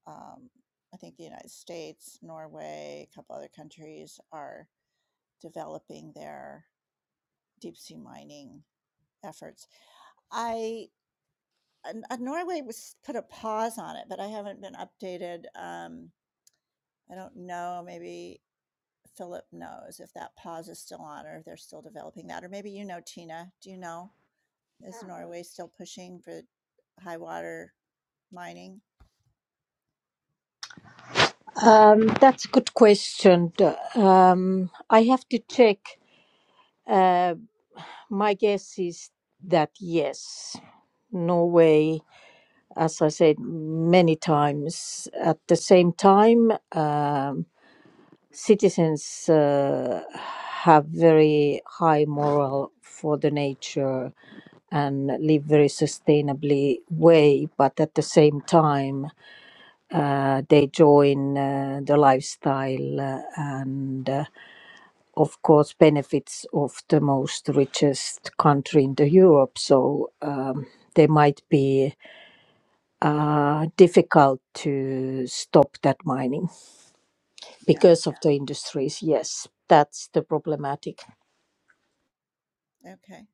S2: um, I think the United States, Norway, a couple other countries are developing their deep sea mining efforts. I and- Norway was put a pause on it, but I haven't been updated. Um, I don't know. Maybe Philip knows if that pause is still on, or if they're still developing that, or maybe you know, Tina. Do you know? Is Norway still pushing for high water mining?
S4: um, that's a good question um, i have to check uh, my guess is that yes norway as i said many times at the same time um, citizens uh, have very high moral for the nature and live very sustainably way but at the same time uh, they join uh, the lifestyle uh, and uh, of course benefits of the most richest country in the europe so um, they might be uh, difficult to stop that mining
S2: Yeah.
S4: because of the industries. Yes, that's the problematic.
S2: Okay.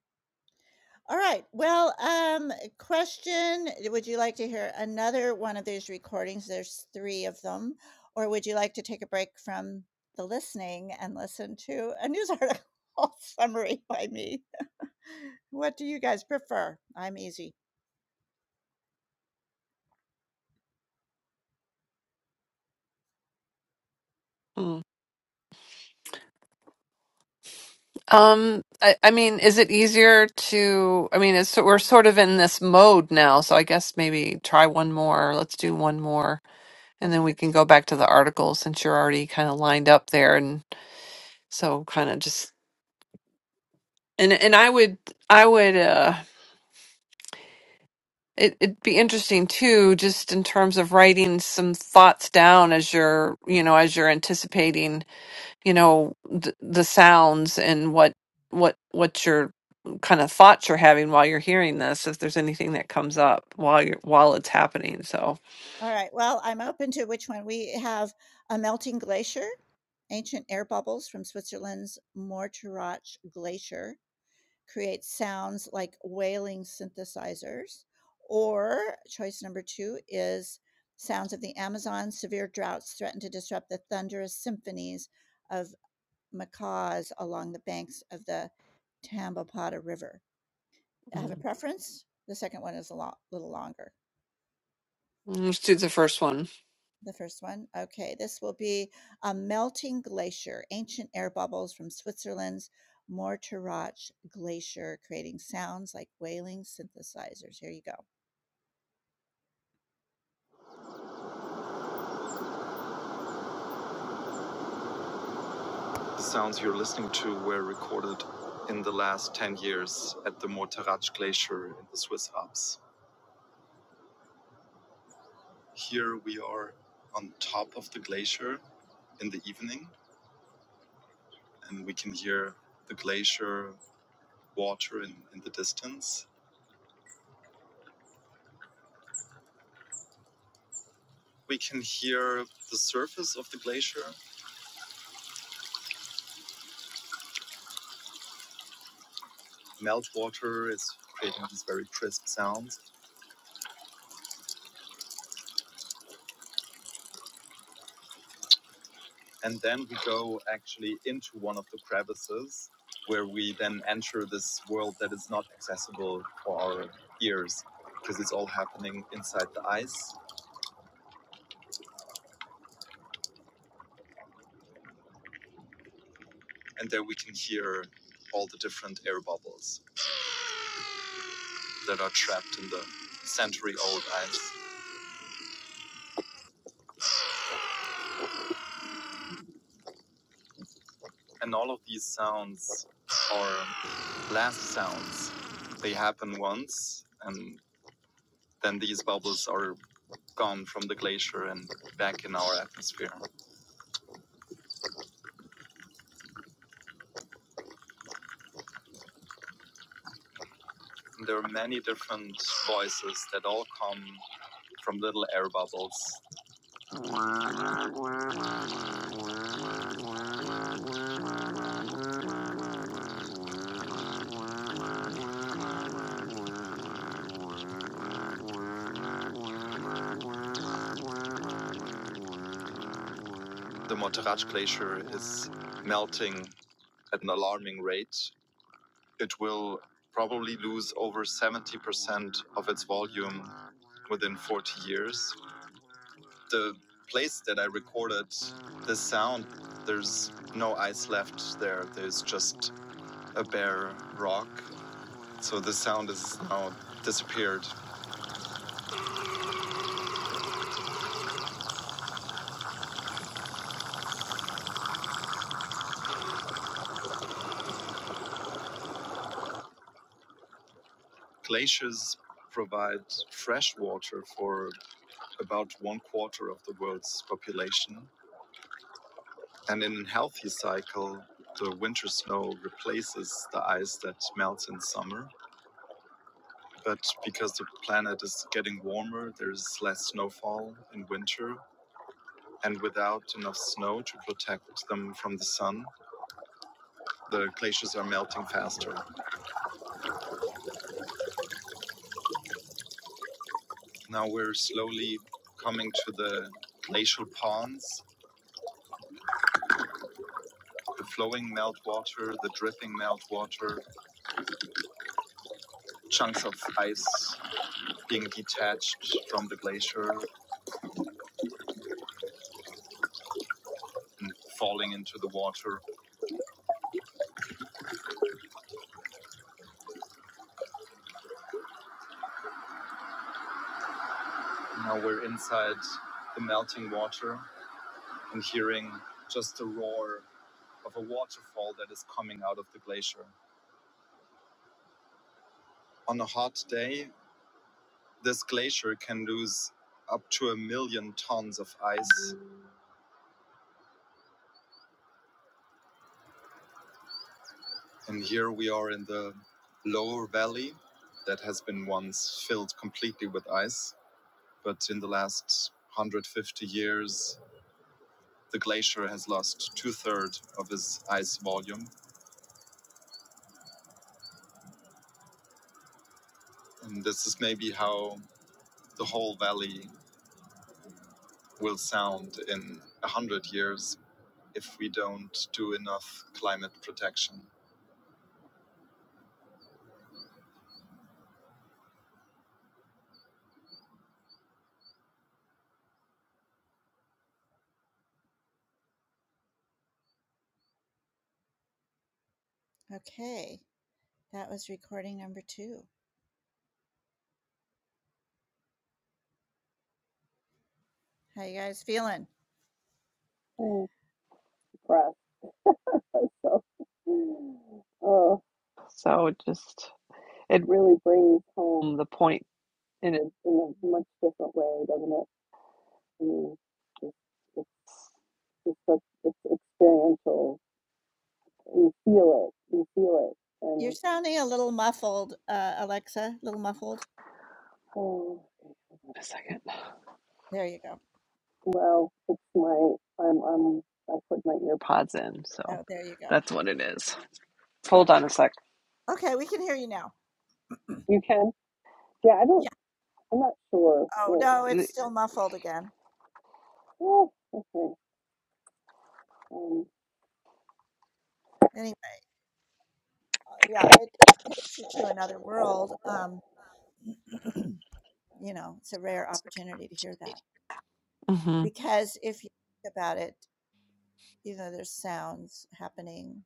S2: All right. Well, um, question, eh, would you like to hear another one of these recordings? There's 3 of them. Or would you like to take a break from the listening and listen to a news article summary by me? What do you guys prefer? I'm easy.
S3: mm. um, I, I mean, is it easier to? I mean, it's so we're sort of in this mode now, so I guess maybe try one more. Let's do one more, and then
S2: Okay.
S3: we can go back to the article since you're already kind of lined up there, and so kind of just and and I would I would. uh It, it'd be interesting too, just in terms of writing some thoughts down as you're, you know, as you're anticipating, you know, th- the sounds and what, what, what your kind of thoughts you're having while you're hearing this. If there's anything that comes up while you're while it's happening, so
S2: All right. Well, I'm open to which one. We have a melting glacier, ancient air bubbles from Switzerland's Morteratsch Glacier. create sounds like wailing synthesizers. Or choice number two is sounds of the Amazon. Severe droughts threaten to disrupt the thunderous symphonies of macaws along the banks of the Tambopata River. I have a
S3: mm.
S2: preference. The second one is a lot, little longer.
S3: let's do the first one.
S2: The first one. Okay, this will be a melting glacier, ancient air bubbles from Switzerland's Morteratsch Glacier, creating sounds like wailing synthesizers. Here you go. Okay, that was recording number two. How you guys feeling?
S3: breath. So, oh, So it just it really brings home the point in a in a much different way, doesn't it? Mm. It's like it's experiential. You feel it. You feel it.
S2: You're
S3: And
S2: sounding a little muffled, uh, Alexa. A little muffled.
S3: oh, wait a second.
S2: There you go.
S3: Well, it's my I'm I'm I put my ear pods in, so
S2: Oh, there you go.
S3: that's what it is.
S2: Yeah.
S3: Hold on a sec.
S2: Okay, we can hear you now.
S3: You can. Yeah, I
S2: Yeah.
S3: don't. I'm not sure.
S2: Oh no, it's
S3: What,
S2: still muffled again.
S3: oh, okay. Um,
S2: Anyway, uh, yeah, it takes you to another world. Um, you know, it's a rare opportunity to hear that
S3: Mhm.
S2: because if you think about it, you know, there's sounds happening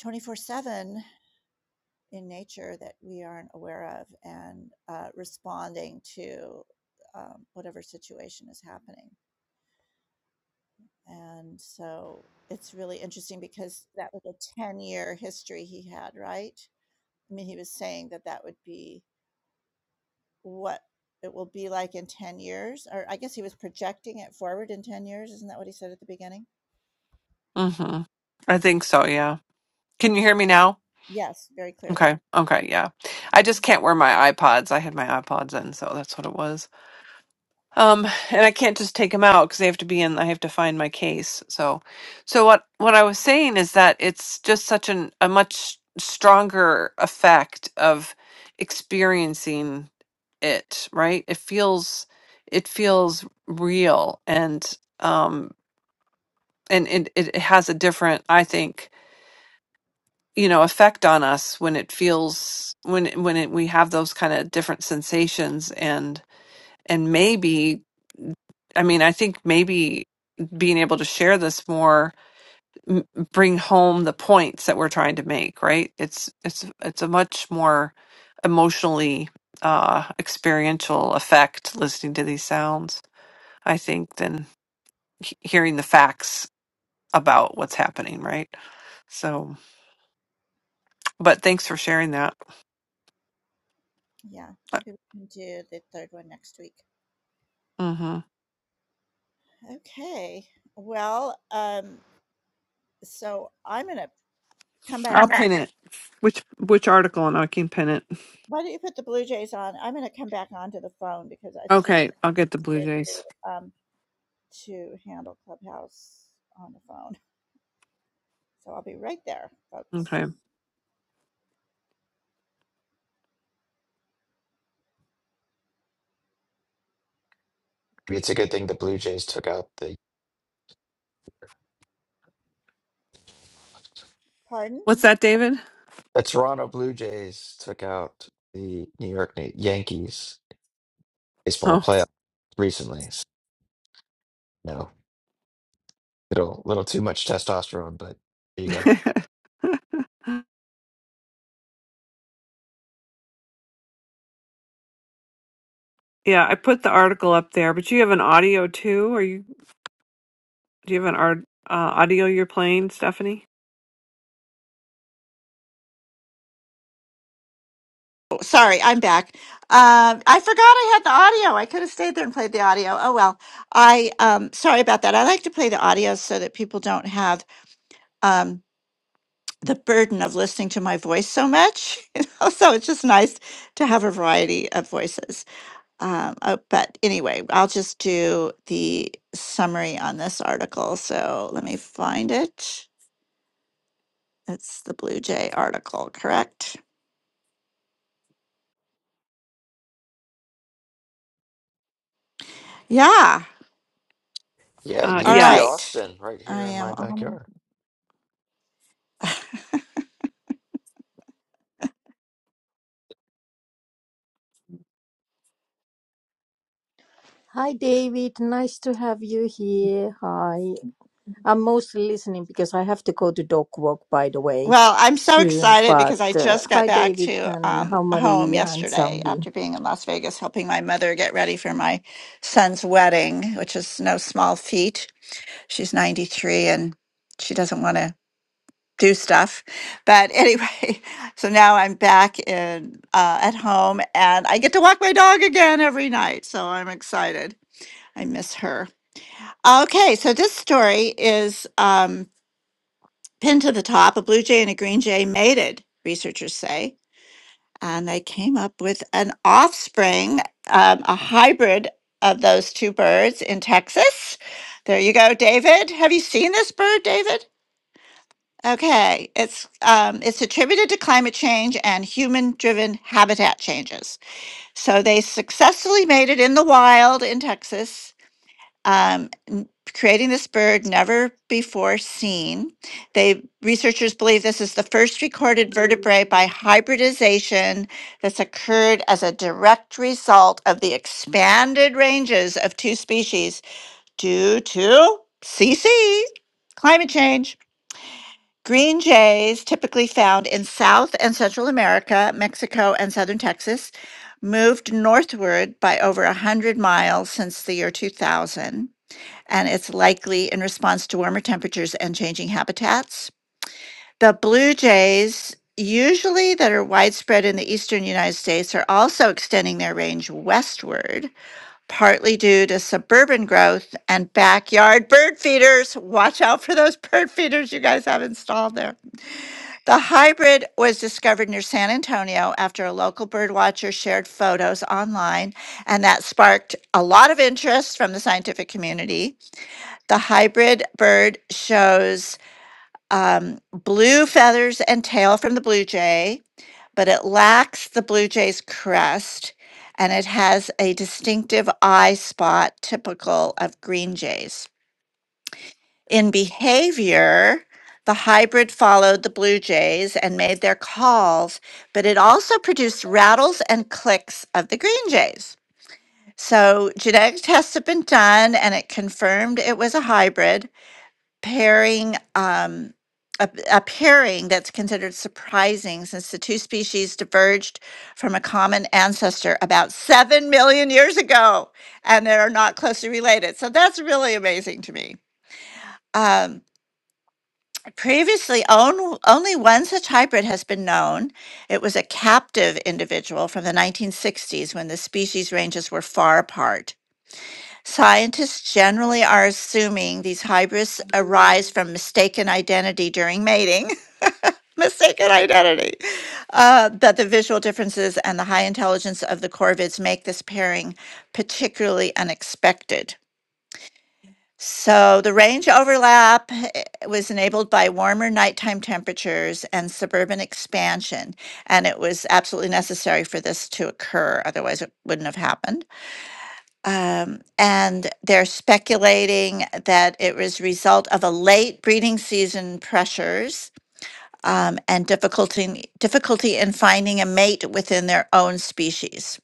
S2: 24 seven in nature that we aren't aware of and uh, responding to um, whatever situation is happening. And so it's really interesting because that was a 10 year history he had, right? I mean, he was saying that that would be what it will be like in 10 years, or I guess he was projecting it forward in 10 years. Isn't that what he said at the beginning?
S3: Mhm. I think so, yeah. Can you hear me now?
S2: Yes, very clearly.
S3: Okay. Okay, yeah. I just can't wear my iPods. I had my iPods in, so that's what it was. Um, and I can't just take them out because they have to be in. I have to find my case. So, so what what I was saying is that it's just such an a much stronger effect of experiencing it. Right? It feels it feels real, and um, and it it has a different, I think, you know, effect on us when it feels when it- when it, we have those kind of different sensations and and maybe I mean, I think maybe being able to share this more m- bring home the points that we're trying to make, right? It's it's it's a much more emotionally uh experiential effect listening to these sounds, I think, than he- hearing the facts about what's happening, right? So, but thanks for sharing that.
S2: Yeah, maybe we can do the third one next week.
S3: Mhm.
S2: Okay. Well, um, so I'm going to Come back
S3: I'll
S2: up.
S3: pin it. Which which article and I can pin it.
S2: Why don't you put the Blue Jays on? I'm going to come back onto the phone because it's just
S3: Okay, I'll
S2: it's
S3: get the Blue
S2: easier
S3: Jays.
S2: to um, to handle Clubhouse on the phone. So I'll be right there, folks.
S3: Okay.
S5: It's a good thing the Blue Jays took out the
S2: Pardon?
S3: What's that, David?
S5: The Toronto Blue Jays took out the New York Na- Yankees baseball
S3: Oh.
S5: playoff recently. So, you know, little little too much testosterone, but there you go.
S3: Yeah, I put the article up there, but you have an audio too? Are you do you have an art uh, audio you're playing, Stephanie?
S2: Oh, sorry, I'm back. Um, I forgot I had the audio. I could have stayed there and played the audio. Oh well. I um, sorry about that. I like to play the audio so that people don't have um, the burden of listening to my voice so much. You know, so it's just nice to have a variety of voices. Um, uh, but anyway, I'll just do the summary on this article. So let me find it. It's the Blue Jay article, correct? Yeah.
S5: Yeah,
S3: Uh
S2: All
S5: UT
S3: yes.
S2: right.
S5: Austin right
S2: I
S5: here in
S2: am
S5: my
S2: on.
S5: backyard.
S4: Hi, David. Nice to have you here. Hi. I'm mostly listening because I have to go to dog walk, by the way,
S2: Well, I'm so
S4: soon.
S2: excited
S4: But
S2: because I
S4: uh,
S2: just got
S4: hi,
S2: back
S4: David,
S2: to
S4: and
S2: um,
S4: how
S2: home
S4: Maria and
S2: yesterday
S4: Zambi.
S2: after being in Las Vegas helping my mother get ready for my son's wedding, which is no small feat. She's 93 and she doesn't want to do stuff. But anyway, so now I'm back in uh, at home and I get to walk my dog again every night. So I'm excited. I miss her. Okay, so this story is um, pinned to the top. A blue jay and a green jay mated, researchers say, and they came up with an offspring, um, a hybrid of those two birds in Texas. There you go, David. Have you seen this bird, David? Okay, it's um, it's attributed to climate change and human-driven habitat changes. So they successfully made it in the wild in Texas, um, n- creating this bird never before seen. They researchers believe this is the first recorded vertebrae by hybridization that's occurred as a direct result of the expanded ranges of two species due to CC climate change. Green jays typically found in South and Central America, Mexico, and southern Texas, moved northward by over 100 miles since the year 2000, and it's likely in response to warmer temperatures and changing habitats. The blue jays, usually that are widespread in the eastern United States, are also extending their range westward partly due to suburban growth and backyard bird feeders. Watch out for those bird feeders you guys have installed there. The hybrid was discovered near San Antonio after a local bird watcher shared photos online, and that sparked a lot of interest from the scientific community. The hybrid bird shows um, blue feathers and tail from the blue jay, but it lacks the blue jay's crest and it has a distinctive eye spot typical of green jays. In behavior, the hybrid followed the blue jays and made their calls, but it also produced rattles and clicks of the green jays. So, genetic tests have been done and it confirmed it was a hybrid pairing um, a, a pairing that's considered surprising since the two species diverged from a common ancestor about 7 million years ago and they are not closely related so that's really amazing to me um, previously own, only one such hybrid has been known it was a captive individual from the 1960s when the species ranges were far apart Scientists generally are assuming these hybrids arise from mistaken identity during mating. mistaken identity. Uh, that the visual differences and the high intelligence of the corvids make this pairing particularly unexpected. So the range overlap eh, was enabled by warmer nighttime temperatures and suburban expansion, and it was absolutely necessary for this to occur. Otherwise, it wouldn't have happened um, and they're speculating that it was result of a late breeding season pressures um, and difficulty difficulty in finding a mate within their own species.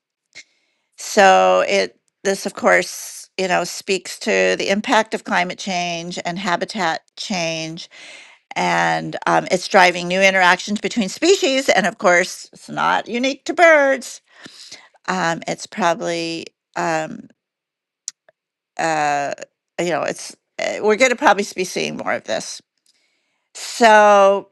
S2: So it this of course you know speaks to the impact of climate change and habitat change and um, it's driving new interactions between species and of course it's not unique to birds um, it's probably um, uh, you know, it's uh, we're going to probably be seeing more of this. So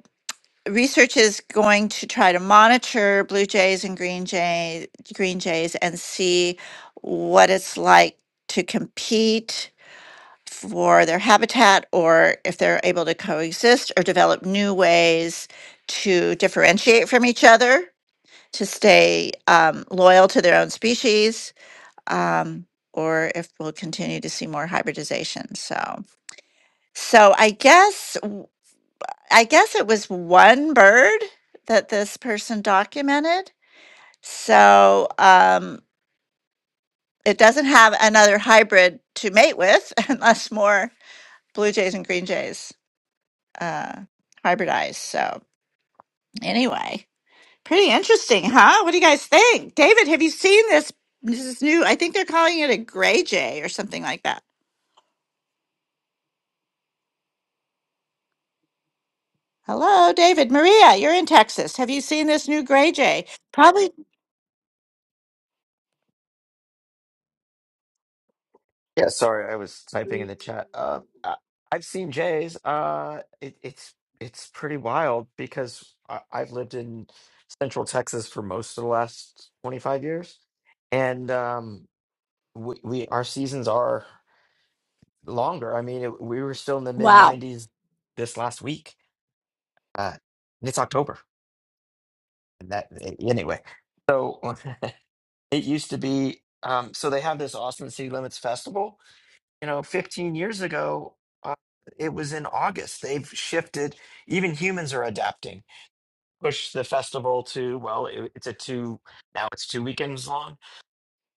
S2: research is going to try to monitor blue jays and green jays, green jays, and see what it's like to compete for their habitat, or if they're able to coexist or develop new ways to differentiate from each other to stay um, loyal to their own species. Um, or if we'll continue to see more hybridization. So, so I guess w- I guess it was one bird that this person documented. So um, it doesn't have another hybrid to mate with unless more blue jays and green jays uh, hybridize. So anyway, pretty interesting, huh? What do you guys think, David? Have you seen this? This is new. I think they're calling it a gray jay or something like that. Hello, David. Maria, you're in Texas. Have you seen this new Gray Jay? Probably.
S5: Yeah, sorry, I was typing in the chat. Uh, I- I've seen Jays. Uh, it, it's it's pretty wild because I, I've lived in Central Texas for most of the last twenty five years, and um, we, we our seasons are. longer. I mean, it, we were still in the mid 90s this last week. Uh, and it's October. And that eh, anyway. So it used to be. Um, so they have this Austin City Limits Festival. You know, 15 years ago, uh, it was in August. They've shifted. Even humans are adapting. Push the festival to well, it, it's a two now. It's two weekends long,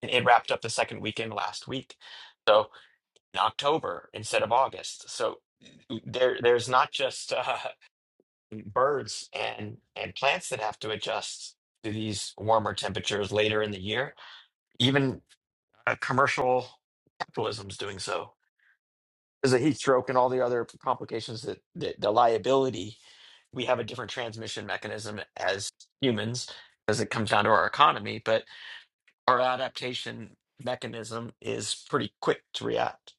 S5: and it wrapped up the second weekend last week. So. in October instead of August. So there there's not just uh, birds and and plants that have to adjust to these warmer temperatures later in the year. Even uh, commercial capitalism is doing so. There's a heat stroke and all the other complications that, that the liability. We have a different transmission mechanism as humans as it comes down to our economy, but our adaptation mechanism is pretty quick to react.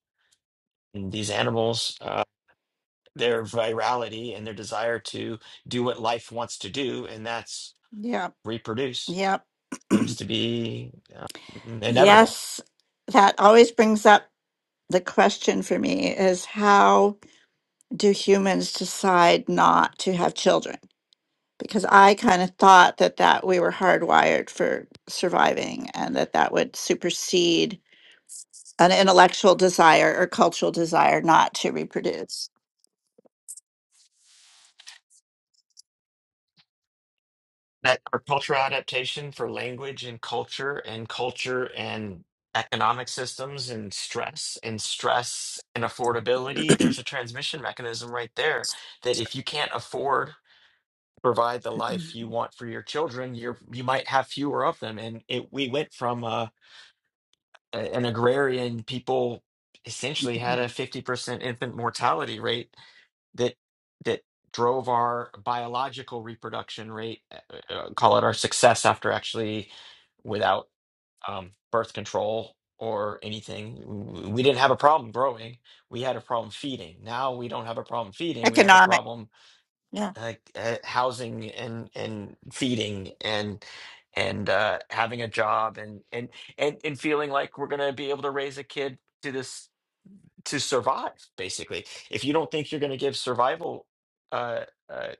S5: And these animals. uh, their virality and their desire to do what life wants to do, and that's
S2: Yeah.
S5: reproduce,
S2: Yeah.
S5: seems to be um, inevitable.
S2: Yes. That always brings up the question for me is how do humans decide not to have children? Because I kind of thought that that we were hardwired for surviving and that that would supersede an intellectual desire or cultural desire not to reproduce.
S5: That our cultural adaptation for language and culture and culture and economic systems and stress and stress and affordability, there's a transmission mechanism right there that if you can't afford to provide the life you want for your children, you're you might have fewer of them. And it we went from uh a- an agrarian people essentially had a 50% infant mortality rate that that drove our biological reproduction rate uh, uh, uh, call it our success after actually without um, birth control or anything w- we didn't have a problem growing we had a problem feeding now we don't have a problem feeding we have a
S2: Economic.
S5: problem
S2: Yeah.
S5: uh, uh, housing and and feeding and and uh, having a job and and and and feeling like we're gonna be able to raise a kid to this to survive basically. If you don't think you're gonna give survival uh, uh,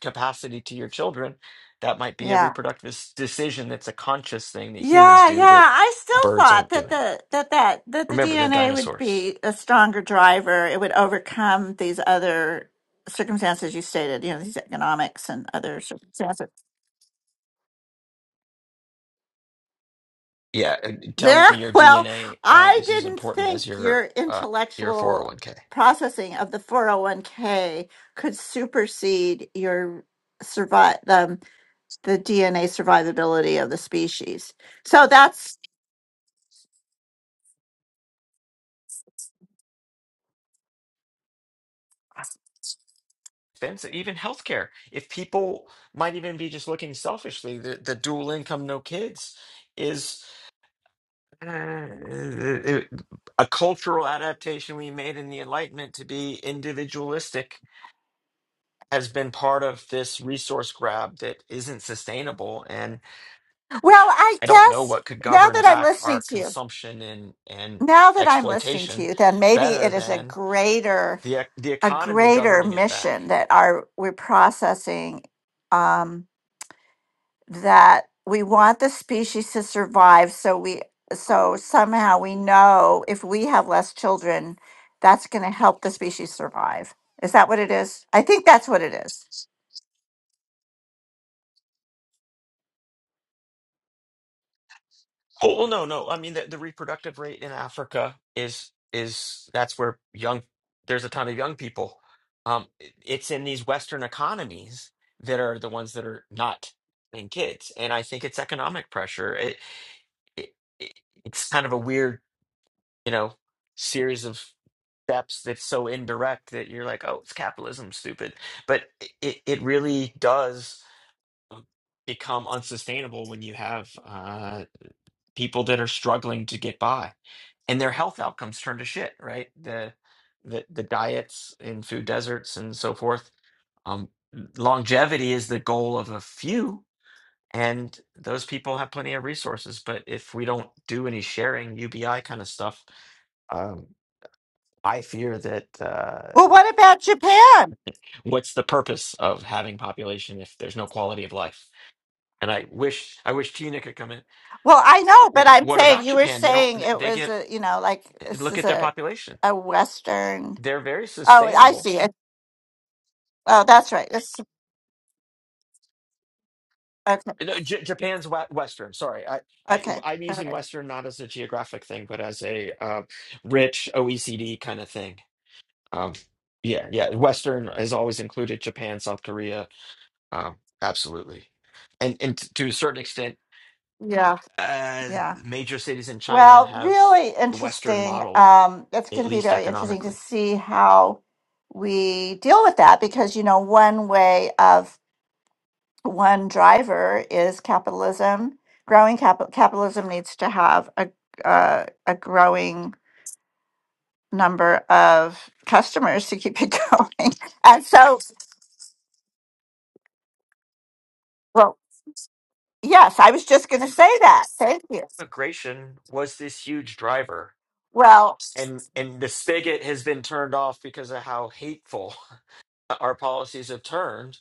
S5: capacity to your children, that might be a
S2: Yeah.
S5: reproductive s- decision. That's a conscious thing that humans
S2: Yeah, yeah.
S5: do that
S2: I still
S5: birds
S2: thought
S5: aren't
S2: that
S5: doing.
S2: the that that that the
S5: Remember, they're
S2: DNA would
S5: dinosaurs.
S2: be a stronger driver. It would overcome these other circumstances you stated, you know, these economics and other circumstances.
S5: Yeah, and tell
S2: There,
S5: me your
S2: well,
S5: DNA um,
S2: I
S5: is as
S2: didn't
S5: important as
S2: think your
S5: your uh, your
S2: intellectual
S5: 401k.
S2: processing of the 401k could supersede your survive um, the DNA survivability of the species. So that's
S5: expensive, even healthcare. If people might even be just looking selfishly, the, the dual income, no kids is uh, a cultural adaptation we made in the Enlightenment to be individualistic has been part of this resource grab that isn't sustainable. And
S2: well, I
S5: I don't know
S2: guess
S5: what could
S2: now
S5: govern
S2: that I'm
S5: back our
S2: listening to you.
S5: consumption and, and
S2: now that I'm listening to
S5: exploitation
S2: you, then maybe
S5: better
S2: it is a
S5: than
S2: greater
S5: the, e- the
S2: a
S5: economy
S2: greater
S5: governing it back.
S2: mission that our we're processing um, that we want the species to survive. So we so somehow we know if we have less children, that's going to help the species survive. Is that what it is? I think that's what it is.
S5: Oh, well, no, no. I mean, the, the reproductive rate in Africa is is that's where young there's a ton of young people. Um, it- it's in these Western economies that are the ones that are not having kids, and I think it's economic pressure. It, it, it it's kind of a weird, you know, series of steps that's so indirect that you're like, oh, it's capitalism, stupid. But it it really does um, become unsustainable when you have uh people that are struggling to get by and their health outcomes turn to shit right the the, the diets in food deserts and so forth um, longevity is the goal of a few and those people have plenty of resources but if we don't do any sharing ubi kind of stuff um, i fear that uh,
S2: Well, what about
S5: s-
S2: Japan?
S5: what's the purpose of having population if there's no quality of life and i wish i wish tina could come in
S2: Well, I know, but
S5: W-
S2: I'm
S5: what
S2: saying
S5: about
S2: you were
S5: japan they don't
S2: saying it
S5: they
S2: was
S5: get
S2: a you know like this
S5: look
S2: is
S5: at their
S2: a
S5: population
S2: a Western.
S5: They're very
S2: Oh, I
S5: sustainable.
S2: see. Oh, that's right. It's okay.
S5: No, J- Japan's we- Western. Sorry, I, I
S2: Okay.
S5: I'm
S2: All
S5: using
S2: right.
S5: Western not as a geographic thing, but as a uh, rich OECD kind of thing. Um, yeah, yeah. Western has always included Japan, South Korea. Um, absolutely, and and t- to a certain extent,
S2: Yeah.
S5: uh,
S2: Yeah.
S5: major cities in China
S2: Well,
S5: have
S2: really
S5: a Western
S2: interesting.
S5: model,
S2: Um, it's
S5: at
S2: going to be
S5: least
S2: very interesting to
S5: economically.
S2: see how we deal with that because, you know, one way of one driver is capitalism. Growing capital capitalism needs to have a uh, a growing number of customers to keep it going. And so, well, yes, I was just going to say that. Thank you.
S5: Immigration was this huge driver
S2: Well,
S5: and and the spigot has been turned off because of how hateful uh, our policies have turned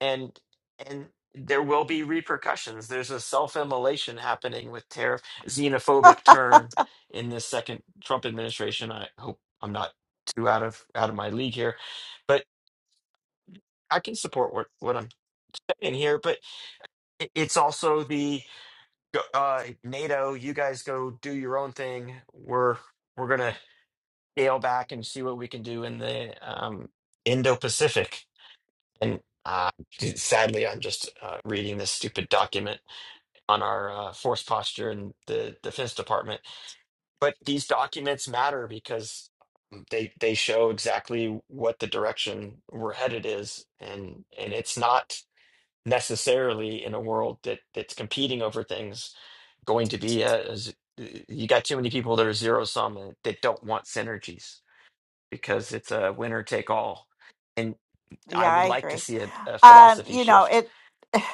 S5: and and there will be repercussions there's a self-immolation happening with tariff xenophobic turn in this second trump administration i hope i'm not too out of out of my league here but i can support what what i'm saying here but it- it's also the uh nato you guys go do your own thing we're we're gonna scale back and see what we can do in the um indo-pacific And uh, sadly, I'm just uh, reading this stupid document on our uh, force posture in the Defense Department. But these documents matter because they they show exactly what the direction we're headed is, and and it's not necessarily in a world that that's competing over things going to be a, a z- you got too many people that are zero sum and that don't want synergies because it's a winner take all. And I
S2: Yeah,
S5: would
S2: I
S5: like to
S2: agree.
S5: see a, a
S2: Um,
S5: philosophy
S2: you know,
S5: shift
S2: it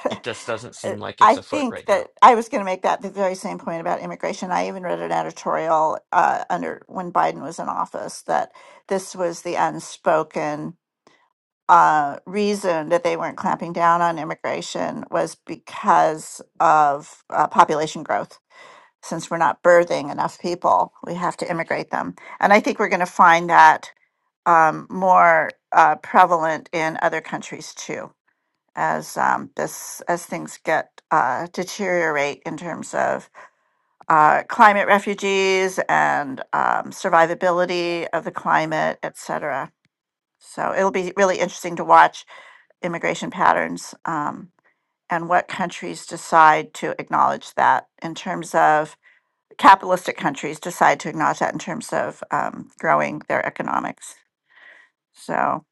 S5: it just doesn't seem like
S2: I
S5: it's afoot
S2: think
S5: right
S2: that
S5: now.
S2: I was going to make that the very same point about immigration. I even read an editorial uh, under when Biden was in office that this was the unspoken uh, reason that they weren't clamping down on immigration was because of uh, population growth. Since we're not birthing enough people, we have to immigrate them. And I think we're going to find that um, more uh, prevalent in other countries too as um, this as things get uh, deteriorate in terms of uh, climate refugees and um, survivability of the climate, et cetera. So it'll be really interesting to watch immigration patterns um, and what countries decide to acknowledge that in terms of capitalistic countries decide to acknowledge that in terms of um, growing their economics. So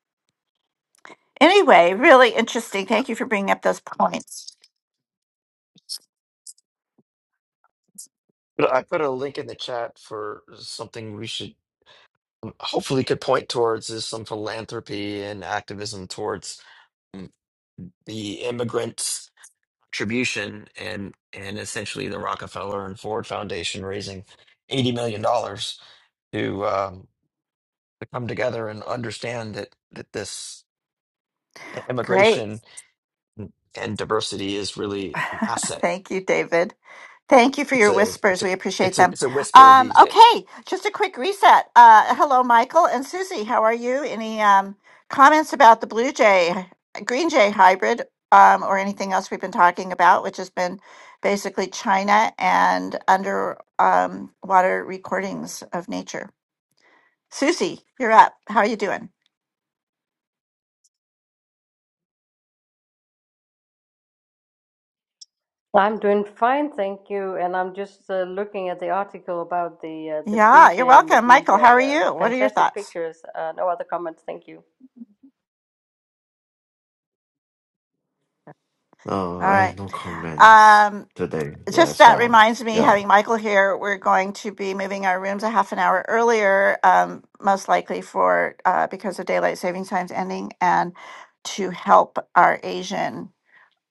S2: anyway, really interesting. Thank you for bringing up those points.
S5: But I put a link in the chat for something we should um, hopefully could point towards is some philanthropy and activism towards mm, the immigrants' contribution and and essentially the Rockefeller and Ford Foundation raising eighty million dollars to um, to come together and understand that that this
S2: Great.
S5: immigration and diversity is really an asset.
S2: Thank you, David. Thank you for
S5: It's
S2: your
S5: a it's
S2: whispers.
S5: a
S2: We appreciate
S5: it's a
S2: them.
S5: it's a whisper
S2: Um,
S5: these days.
S2: okay, just a quick reset. Uh, hello, Michael and Susie. How are you? Any um, comments about the Blue Jay, Green Jay hybrid, um, or anything else we've been talking about, which has been basically China and underwater um, water recordings of nature? Susie, you're up. How are you doing?
S6: I'm doing fine, thank you. And I'm just uh, looking at the article about the uh, the blue
S2: Yeah, you're
S6: jay and the
S2: welcome.
S6: green
S2: Michael, how are
S6: jay. Um,
S2: you? What are your
S6: fantastic
S2: thoughts?
S6: pictures. Uh, no other comments. Thank you.
S7: No,
S2: All
S7: I have
S2: right.
S7: no comments
S2: Um,
S7: today. Yeah,
S2: just
S7: as
S2: that
S7: well.
S2: reminds me,
S7: Yeah.
S2: having Michael here, we're going to be moving our rooms a half an hour earlier, um, most likely for uh, because of daylight savings times ending, and to help our Asian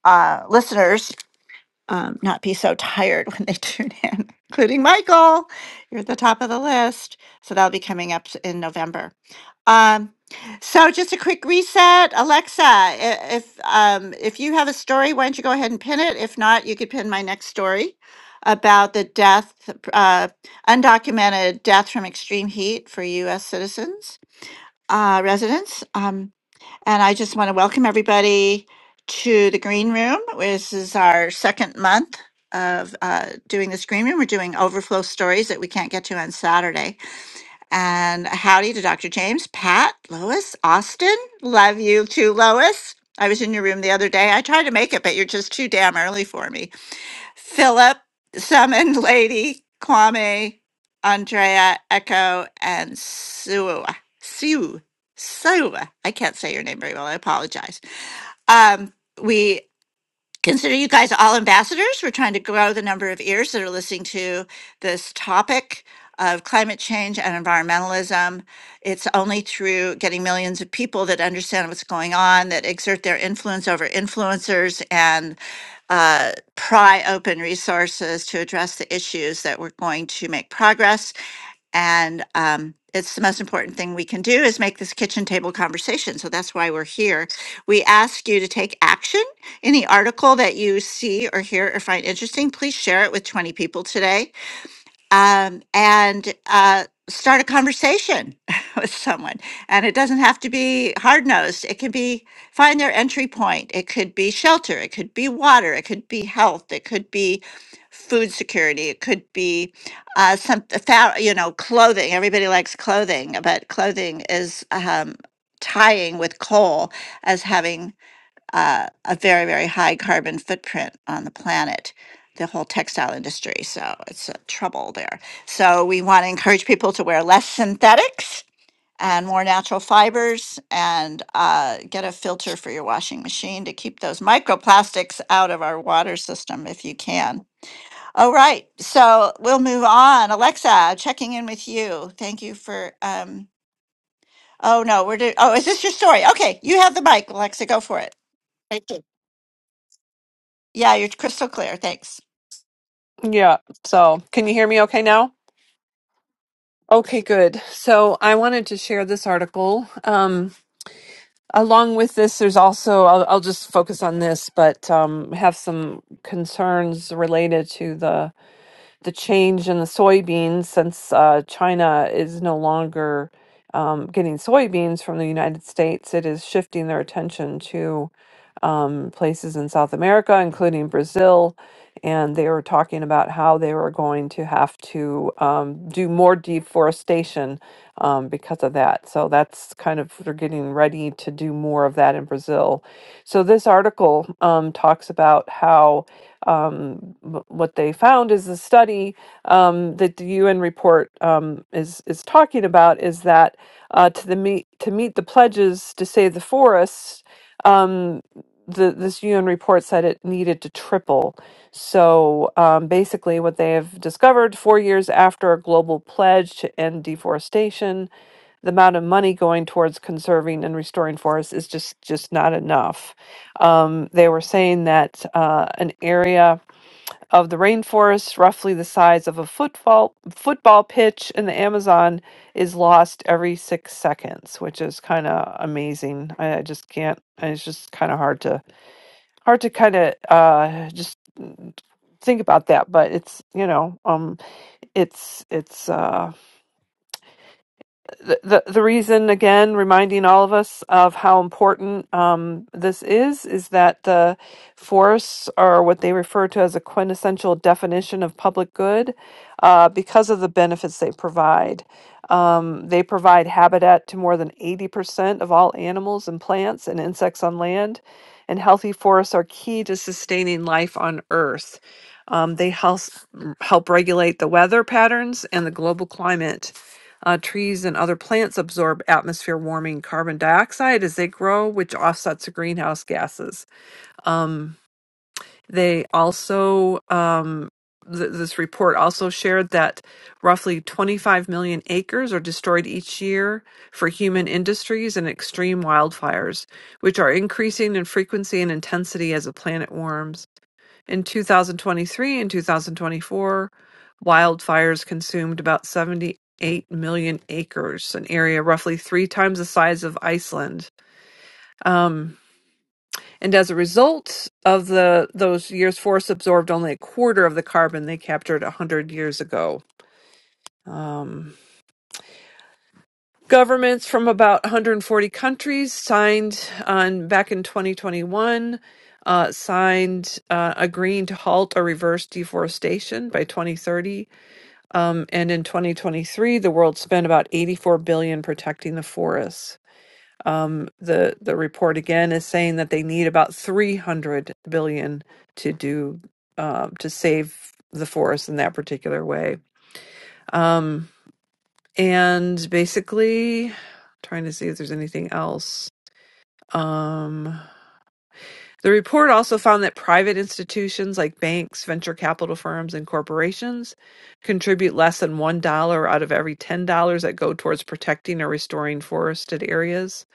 S2: uh, listeners um, not be so tired when they tune in, including Michael. You're at the top of the list. So that'll be coming up s- in November. Um, so just a quick reset, Alexa. i- If um, if you have a story, why don't you go ahead and pin it? If not, you could pin my next story about the death, uh, undocumented death from extreme heat for U.S. citizens uh, residents. Um, and I just want to welcome everybody to the Green Room. This is our second month of uh, doing this Green Room. We're doing overflow stories that we can't get to on Saturday. And howdy to Dr. James, Pat, Lois, Austin. Love you too, Lois. I was in your room the other day. I tried to make it, but you're just too damn early for me. Philip, Summon Lady, Kwame, Andrea, Echo, and Sue. Sue. Sue. I can't say your name very well. I apologize. Um, we consider you guys all ambassadors. We're trying to grow the number of ears that are listening to this topic of climate change and environmentalism. It's only through getting millions of people that understand what's going on, that exert their influence over influencers and uh, pry open resources to address the issues that we're going to make progress. And um, it's the most important thing we can do is make this kitchen table conversation. So that's why we're here. We ask you to take action. Any article that you see or hear or find interesting, please share it with 20 people today um, and uh, start a conversation with someone. And it doesn't have to be hard nosed. It can be find their entry point. It could be shelter. It could be water. It could be health. It could be food security. It could be uh, some a thou- you know clothing. Everybody likes clothing, but clothing is um, tying with coal as having uh, a very, very high carbon footprint on the planet, the whole textile industry. So it's a trouble there. So we want to encourage people to wear less synthetics and more natural fibers and uh, get a filter for your washing machine to keep those microplastics out of our water system if you can. All right. So we'll move on. Alexa, checking in with you. Thank you for. Um, oh, no, we're. Do- oh, is this your story? Okay. You have the mic, Alexa. Go for it. Yeah, you're crystal clear. Thanks.
S3: Yeah. So, can you hear me okay now? Okay, good. So, I wanted to share this article. Um, along with this, there's also, I'll, I'll just focus on this, but um, have some concerns related to the the change in the soybeans since uh, China is no longer um, getting soybeans from the United States, it is shifting their attention to um, places in South America, including Brazil. And they were talking about how they were going to have to um, do more deforestation um, because of that. So that's kind of, they're getting ready to do more of that in Brazil. So this article um, talks about how um, wh- what they found is the study um, that the UN report um, is is talking about is that uh, to the meet to meet the pledges to save the forests, um, the this UN report said it needed to triple. So um, basically, what they have discovered four years after a global pledge to end deforestation, the amount of money going towards conserving and restoring forests is just just not enough um, they were saying that uh, an area of the rainforest, roughly the size of a football football pitch in the Amazon, is lost every six seconds, which is kind of amazing. I, I just can't. It's just kind of hard to hard to kind of uh, just mm, think about that. But it's you know um it's it's. uh the, the the reason again reminding all of us of how important um, this is is that the forests are what they refer to as a quintessential definition of public good uh, because of the benefits they provide um, they provide habitat to more than 80% of all animals and plants and insects on land and healthy forests are key to sustaining life on earth um, they help, help regulate the weather patterns and the global climate uh, trees and other plants absorb atmosphere warming carbon dioxide as they grow, which offsets the greenhouse gases. Um, they also, um, th- this report also shared that roughly 25 million acres are destroyed each year for human industries and extreme wildfires, which are increasing in frequency and intensity as the planet warms. In 2023 and 2024, wildfires consumed about 78 million acres, an area roughly three times the size of Iceland. Um, and as a result of the those years, forests absorbed only a quarter of the carbon they captured 100 years ago. Um, governments from about 140 countries signed on back in 2021 uh, signed uh, agreeing to halt or reverse deforestation by 2030 Um, and in 2023, the world spent about 84 billion protecting the forests. Um, the the report again is saying that they need about 300 billion to do um, to save the forest in that particular way. Um, and basically, trying to see if there's anything else. Um, The report also found that private institutions like banks, venture capital firms, and corporations contribute less than $1 out of every $10 that go towards protecting or restoring forested areas.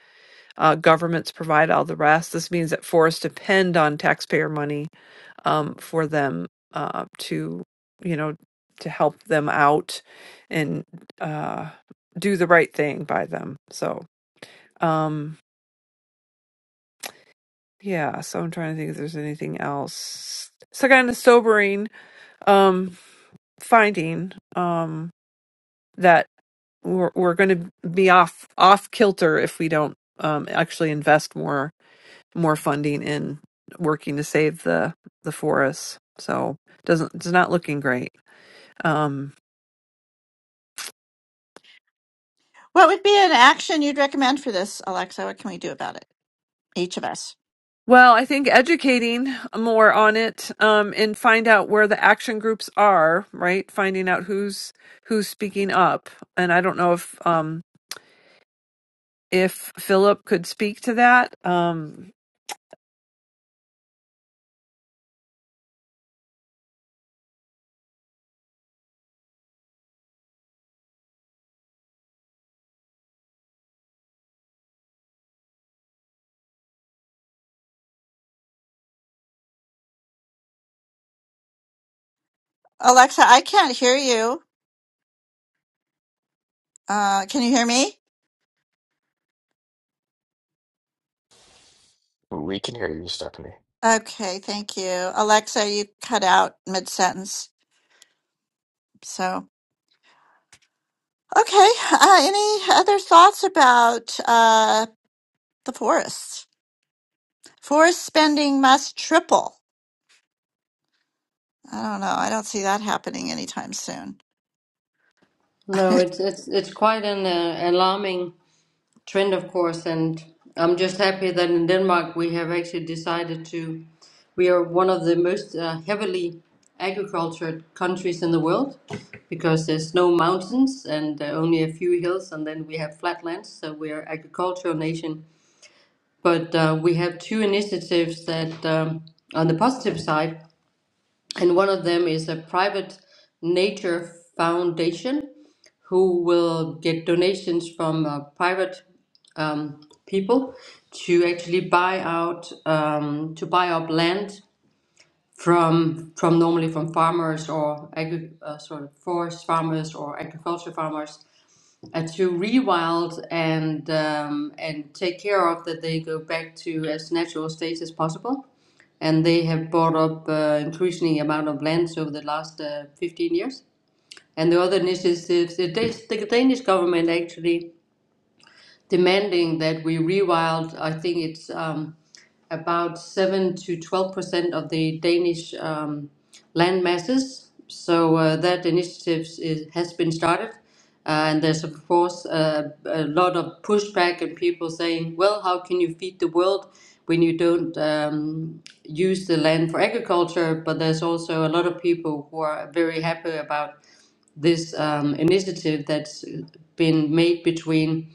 S3: Uh, governments provide all the rest. This means that forests depend on taxpayer money um, for them uh, to, you know, to help them out and uh, do the right thing by them. So, um, yeah so i'm trying to think if there's anything else It's a kind of sobering um finding um that we're, we're going to be off off kilter if we don't um actually invest more more funding in working to save the the forests so doesn't it's not looking great um
S2: What would be an action you'd recommend for this, Alexa? What can we do about it? Each of us.
S3: well i think educating more on it um and find out where the action groups are right finding out who's who's speaking up and i don't know if um if Philip could speak to that. Um,
S2: Alexa, I can't hear you. Uh, can you hear me?
S5: We can hear you, Stephanie.
S2: Okay, thank you. Alexa, you cut out mid sentence. So, okay. Uh, any other thoughts about uh, the forests? Forest spending must triple. I don't know. I don't see that happening anytime soon.
S6: No, it's it's it's quite an uh, alarming trend, of course. And I'm just happy that in Denmark we have actually decided to. We are one of the most uh, heavily agricultured countries in the world because there's no mountains and uh, only a few hills, and then we have flatlands. So we are agricultural nation But uh, we have two initiatives that um, on the positive side, and one of them is a private nature foundation who will get donations from uh, private um, people to actually buy out um, to buy up land from from normally from farmers or agri- uh, sort of forest farmers or agriculture farmers uh, to rewild and um, and take care of that they go back to as natural states as possible. And they have bought up uh, increasing amount of lands over the last uh, 15 years. And the other initiatives, the, Danish- the Danish government actually demanding that we rewild. I think it's um, about 7 to 12 percent of the Danish um, land masses. So uh, that initiative is, has been started. Uh, and there's, of course, uh, a lot of pushback and people saying, well, how can you feed the world when you don't um, use the land for agriculture? But there's also a lot of people who are very happy about this um, initiative that's been made between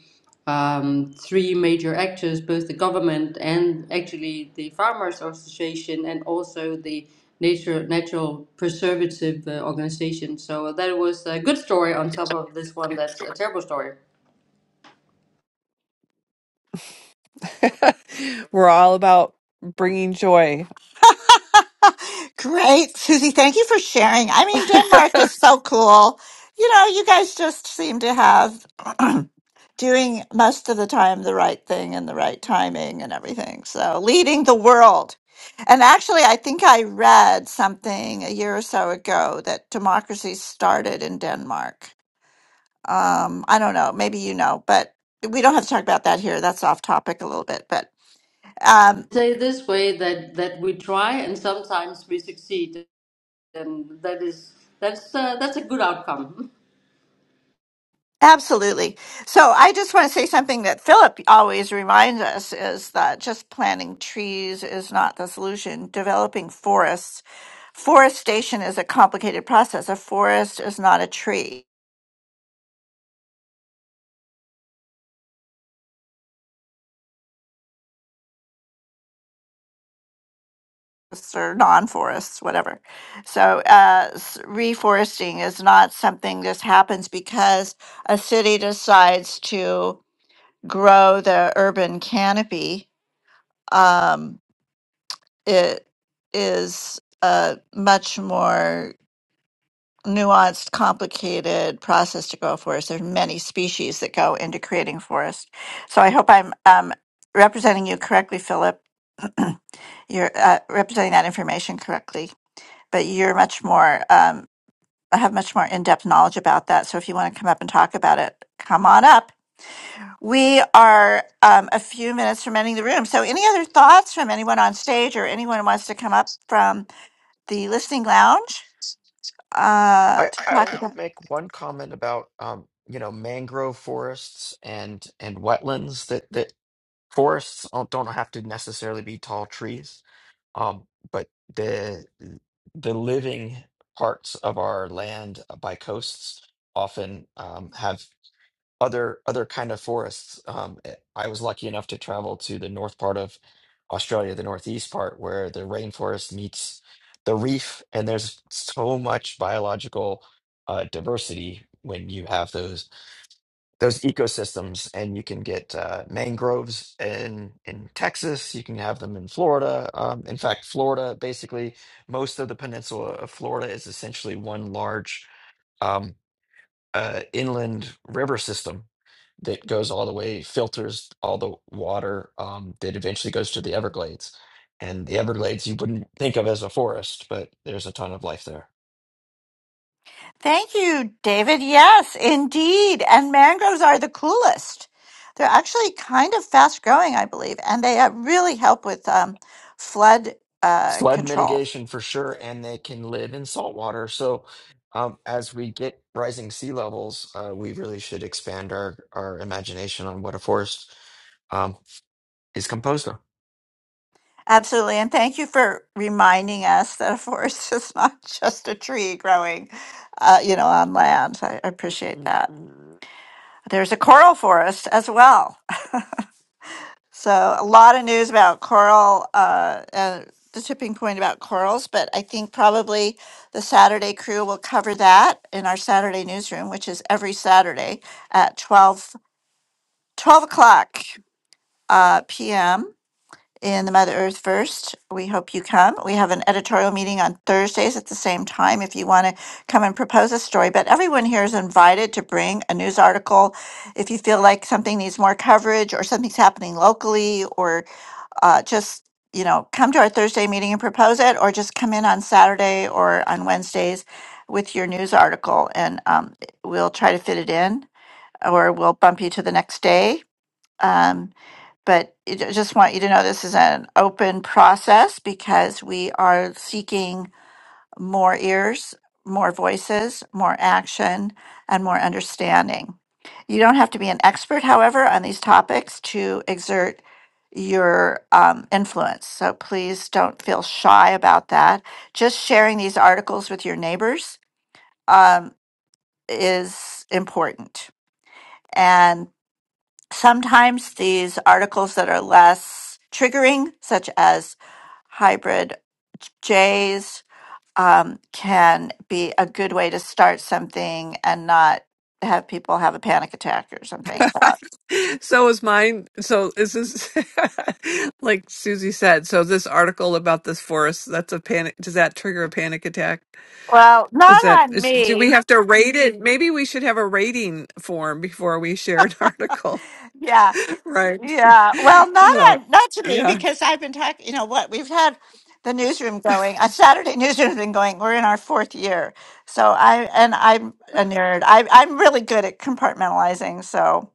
S6: um, three major actors, both the government and actually the farmers association and also the nature natural preservative uh, organization. So that was a good story on top of this one that's a terrible story.
S3: we're all about bringing joy.
S2: Great, Susie. Thank you for sharing. I mean, Denmark is so cool. You know, you guys just seem to have doing most of the time the right thing and the right timing and everything. So, leading the world. And actually, I think I read something a year or so ago that democracy started in Denmark. Um, I don't know, maybe you know, but we don't have to talk about that here. That's off topic a little bit, but. um,
S6: Say this way that that we try and sometimes we succeed and that is that's uh, that's a good outcome.
S2: Absolutely. So I just want to say something that Philip always reminds us is that just planting trees is not the solution. Developing forests, forestation is a complicated process. A forest is not a tree. forests Or non forests, whatever. So, uh, s- reforesting is not something just happens because a city decides to grow the urban canopy. Um, it is uh, much more nuanced, complicated process to grow a forest. There's many species that go into creating forest. So I hope I'm um, representing you correctly, Philip. you're uh, representing that information correctly, but you're much more. Um, I have much more in-depth knowledge about that. So if you want to come up and talk about it, come on up. We are um, a few minutes from ending the room. So any other thoughts from anyone on stage or anyone who wants to come up from the listening lounge uh,
S5: I,
S2: to talk about?
S5: I'll make one comment about um, you know mangrove forests and and wetlands that that forests don't don't have to necessarily be tall trees, um, but the the living parts of our land by coasts often um, have other other kind of forests. Um, eh, I was lucky enough to travel to the north part of Australia, the northeast part, where the rainforest meets the reef, and there's so much biological uh, diversity when you have those those ecosystems, and you can get uh, mangroves in in Texas. You can have them in Florida. Um, in fact, Florida, basically, most of the peninsula of Florida is essentially one large. um, uh, inland river system that goes all the way, filters all the water um, that eventually goes to the Everglades. And the Everglades, you wouldn't think of as a forest, but there's a ton of life there.
S2: Thank you, David. Yes, indeed. And mangroves are the coolest. They're actually kind of fast growing, I believe, and they uh, really help with um, flood uh,
S5: Flood
S2: control.
S5: mitigation for sure, and they can live in salt water. So, um, as we get rising sea levels, uh, we really should expand our, our imagination on what a forest um, is composed of.
S2: Absolutely. And thank you for reminding us that a forest is not just a tree growing, uh, you know, on land. I I appreciate that. Mhm. There's a coral forest as well. So a lot of news about coral, uh, uh, the tipping point about corals, but I think probably the Saturday crew will cover that in our Saturday newsroom, which is every Saturday at 12 12 o'clock uh, p.m. in the Mother Earth First. We hope you come. We have an editorial meeting on Thursdays at the same time if you want to come and propose a story. But everyone here is invited to bring a news article if you feel like something needs more coverage or something's happening locally or uh, just, you know, come to our Thursday meeting and propose it, or just come in on Saturday or on Wednesdays with your news article and um, we'll try to fit it in or we'll bump you to the next day. Um, but I ju- just want you to know this is an open process because we are seeking more ears, more voices, more action, and more understanding. You don't have to be an expert, however, on these topics to exert your um, influence. So please don't feel shy about that. Just sharing these articles with your neighbors um, is important. And sometimes these articles that are less triggering, such as hybrid jays um, can be a good way to start something and not have people have a panic attack or something. Uh,
S3: so is mine. So is this, like Susie said, so this article about this forest, that's a panic. Does that trigger a panic attack?
S2: Well,
S3: Is
S2: not
S3: that,
S2: on
S3: is, do we
S2: me.
S3: have to rate it? Maybe we should have a rating form before we share an article,
S2: Yeah,
S3: right?
S2: yeah. Well, not
S3: so,
S2: on not to me
S3: yeah,
S2: because I've been talking. You know what? We've had the newsroom going. A Saturday newsroom's been going. We're in our fourth year, so I and I'm a nerd. I I'm really good at compartmentalizing. So.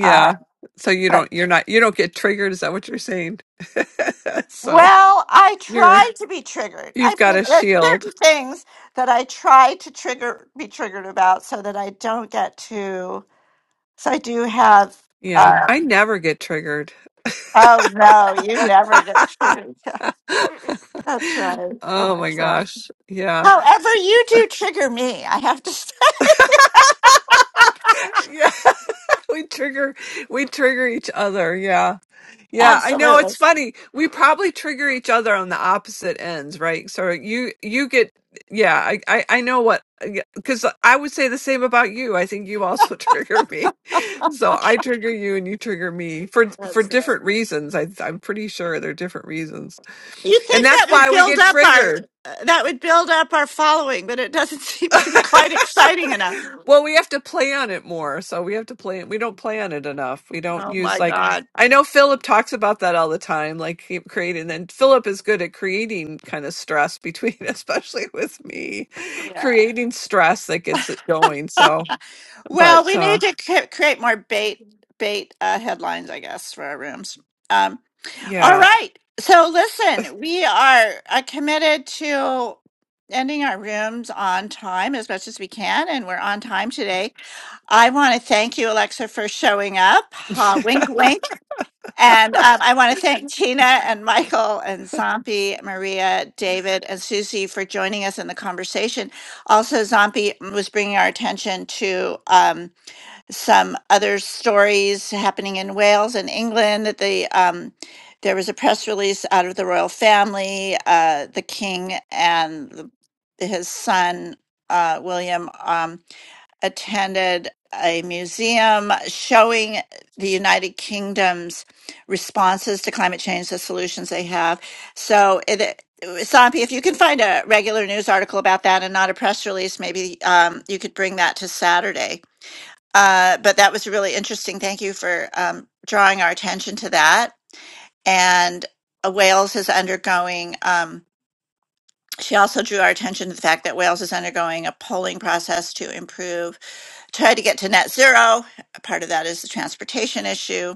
S2: Uh,
S3: So you don't, you're not, you don't get triggered. Is that what you're saying? so.
S2: Well, I
S3: You're
S2: try to be triggered. I
S3: you've got
S2: mean,
S3: a
S2: there are
S3: shield.
S2: certain things that I try to trigger, be triggered about, so that I don't get too. So I do have.
S3: Yeah,
S2: Uh,
S3: I never get triggered.
S2: oh no, you never get triggered. Yeah, that's right,
S3: Oh my
S2: Alexa.
S3: gosh. Yeah.
S2: However, you do trigger me. I have to say,
S3: Yeah, we trigger we trigger each other. Yeah. Yeah, I know
S2: absolutely.
S3: it's funny. We probably trigger each other on the opposite ends, right? So you you get yeah, I I, I know what because I would say the same about you. I think you also trigger me. So I trigger you and you trigger me for for
S2: That's it.
S3: different reasons. I I'm pretty sure they're different reasons.
S2: You
S3: And
S2: think that
S3: that's
S2: would
S3: why we
S2: build
S3: get
S2: up our
S3: triggered.
S2: uh, that would build up our following, but it doesn't seem to be quite exciting enough.
S3: well, we have to plan it more. So we have to plan. We don't plan it enough. We don't
S2: Oh
S3: use
S2: my
S3: like
S2: God!
S3: I know Philip talks about that all the time, like he creating. And Philip is good at creating kind of stress between, especially with me,
S2: Yeah.
S3: creating stress that gets it going. So,
S2: Well,
S3: but
S2: we
S3: uh,
S2: need to c- create more bait bait uh, headlines, I guess, for our rooms. Um, all
S3: yeah.
S2: right. So listen, we are uh, committed to ending our rooms on time as much as we can, and we're on time today. I want to thank you, Alexa, for showing up. Uh, wink, wink. And um, I want to thank Tina and Michael and Zompi, Maria, David, and Susie for joining us in the conversation. Also, Zompi was bringing our attention to um, some other stories happening in Wales and England. That the um, there was a press release out of the royal family, uh, the king and the, his son uh, William. Um, attended a museum showing the United Kingdom's responses to climate change, the solutions they have. So, it, it- Sampi, if you can find a regular news article about that and not a press release, maybe um, you could bring that to Saturday. Uh, but that was really interesting. Thank you for um, drawing our attention to that and uh, Wales is undergoing. Um, she also drew our attention to the fact that Wales is undergoing a polling process to improve try to get to net zero. Part of that is the transportation issue.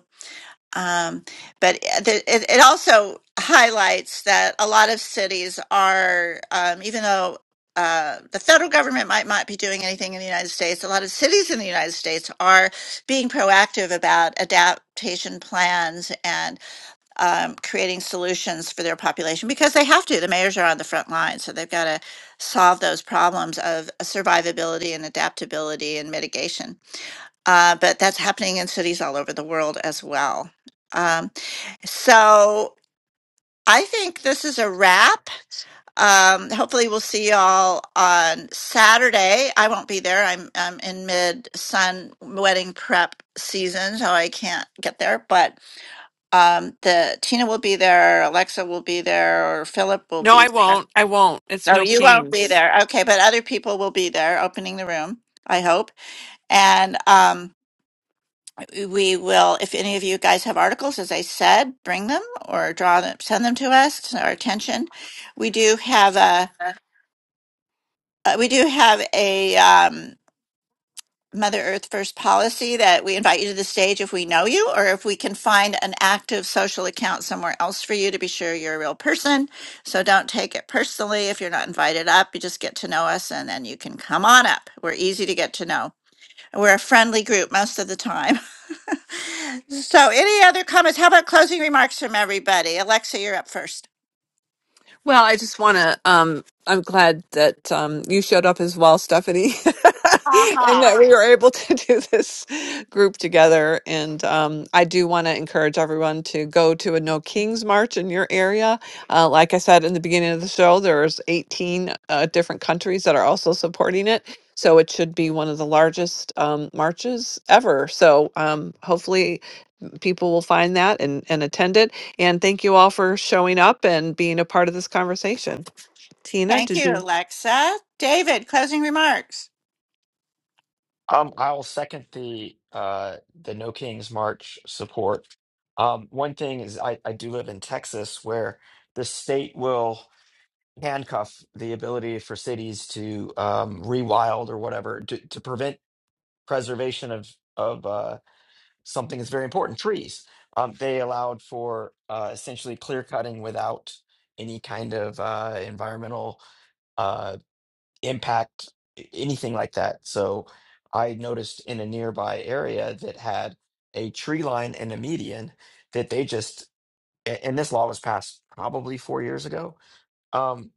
S2: Um, but uh, the, it, it also highlights that a lot of cities are, um, even though uh, the federal government might not be doing anything in the United States, a lot of cities in the United States are being proactive about adaptation plans and um, creating solutions for their population because they have to. The mayors are on the front line, so they've got to solve those problems of survivability and adaptability and mitigation. Uh, but that's happening in cities all over the world as well. Um, so I think this is a wrap. Um, hopefully we'll see y'all on Saturday. I won't be there. I'm I'm in mid sun wedding prep season, so I can't get there. But um, the Tina will be there, Alexa will be there, or Philip will
S3: No,
S2: be
S3: I
S2: there.
S3: won't. I won't. It's
S2: No,
S3: no
S2: you won't be
S3: kings.
S2: there. Okay, but other people will be there opening the room, I hope. And um, we will, if any of you guys have articles, as I said, bring them or draw them, send them to us, to our attention. We do have a Uh, we do have a um, Mother Earth First policy that we invite you to the stage if we know you or if we can find an active social account somewhere else for you to be sure you're a real person. So don't take it personally if you're not invited up. You just get to know us and then you can come on up. We're easy to get to know. We're a friendly group most of the time. so, any other comments? How about closing remarks from everybody? Alexa, you're up first.
S3: Well, I just want to. Um, I'm glad that um, you showed up as well, Stephanie, and that we were able to do this group together. And um, I do want to encourage everyone to go to a No Kings March in your area. Uh, like I said in the beginning of the show, there's 18 uh, different countries that are also supporting it. So it should be one of the largest um, marches ever. So um, hopefully people will find that and, and attend it. And thank you all for showing up and being a part of this conversation. Tina,
S2: Thank
S3: did you?
S2: you, Alexa. David, closing remarks.
S5: Um, I'll second the uh the No Kings March support. Um, one thing is I, I do live in Texas where the state will handcuff the ability for cities to um rewild or whatever to, to prevent preservation of of uh something that's very important, trees. Um, they allowed for uh essentially clear cutting without any kind of uh environmental uh, impact a- anything like that. So I noticed in a nearby area that had a tree line and a median that they just a- and this law was passed probably four years ago um,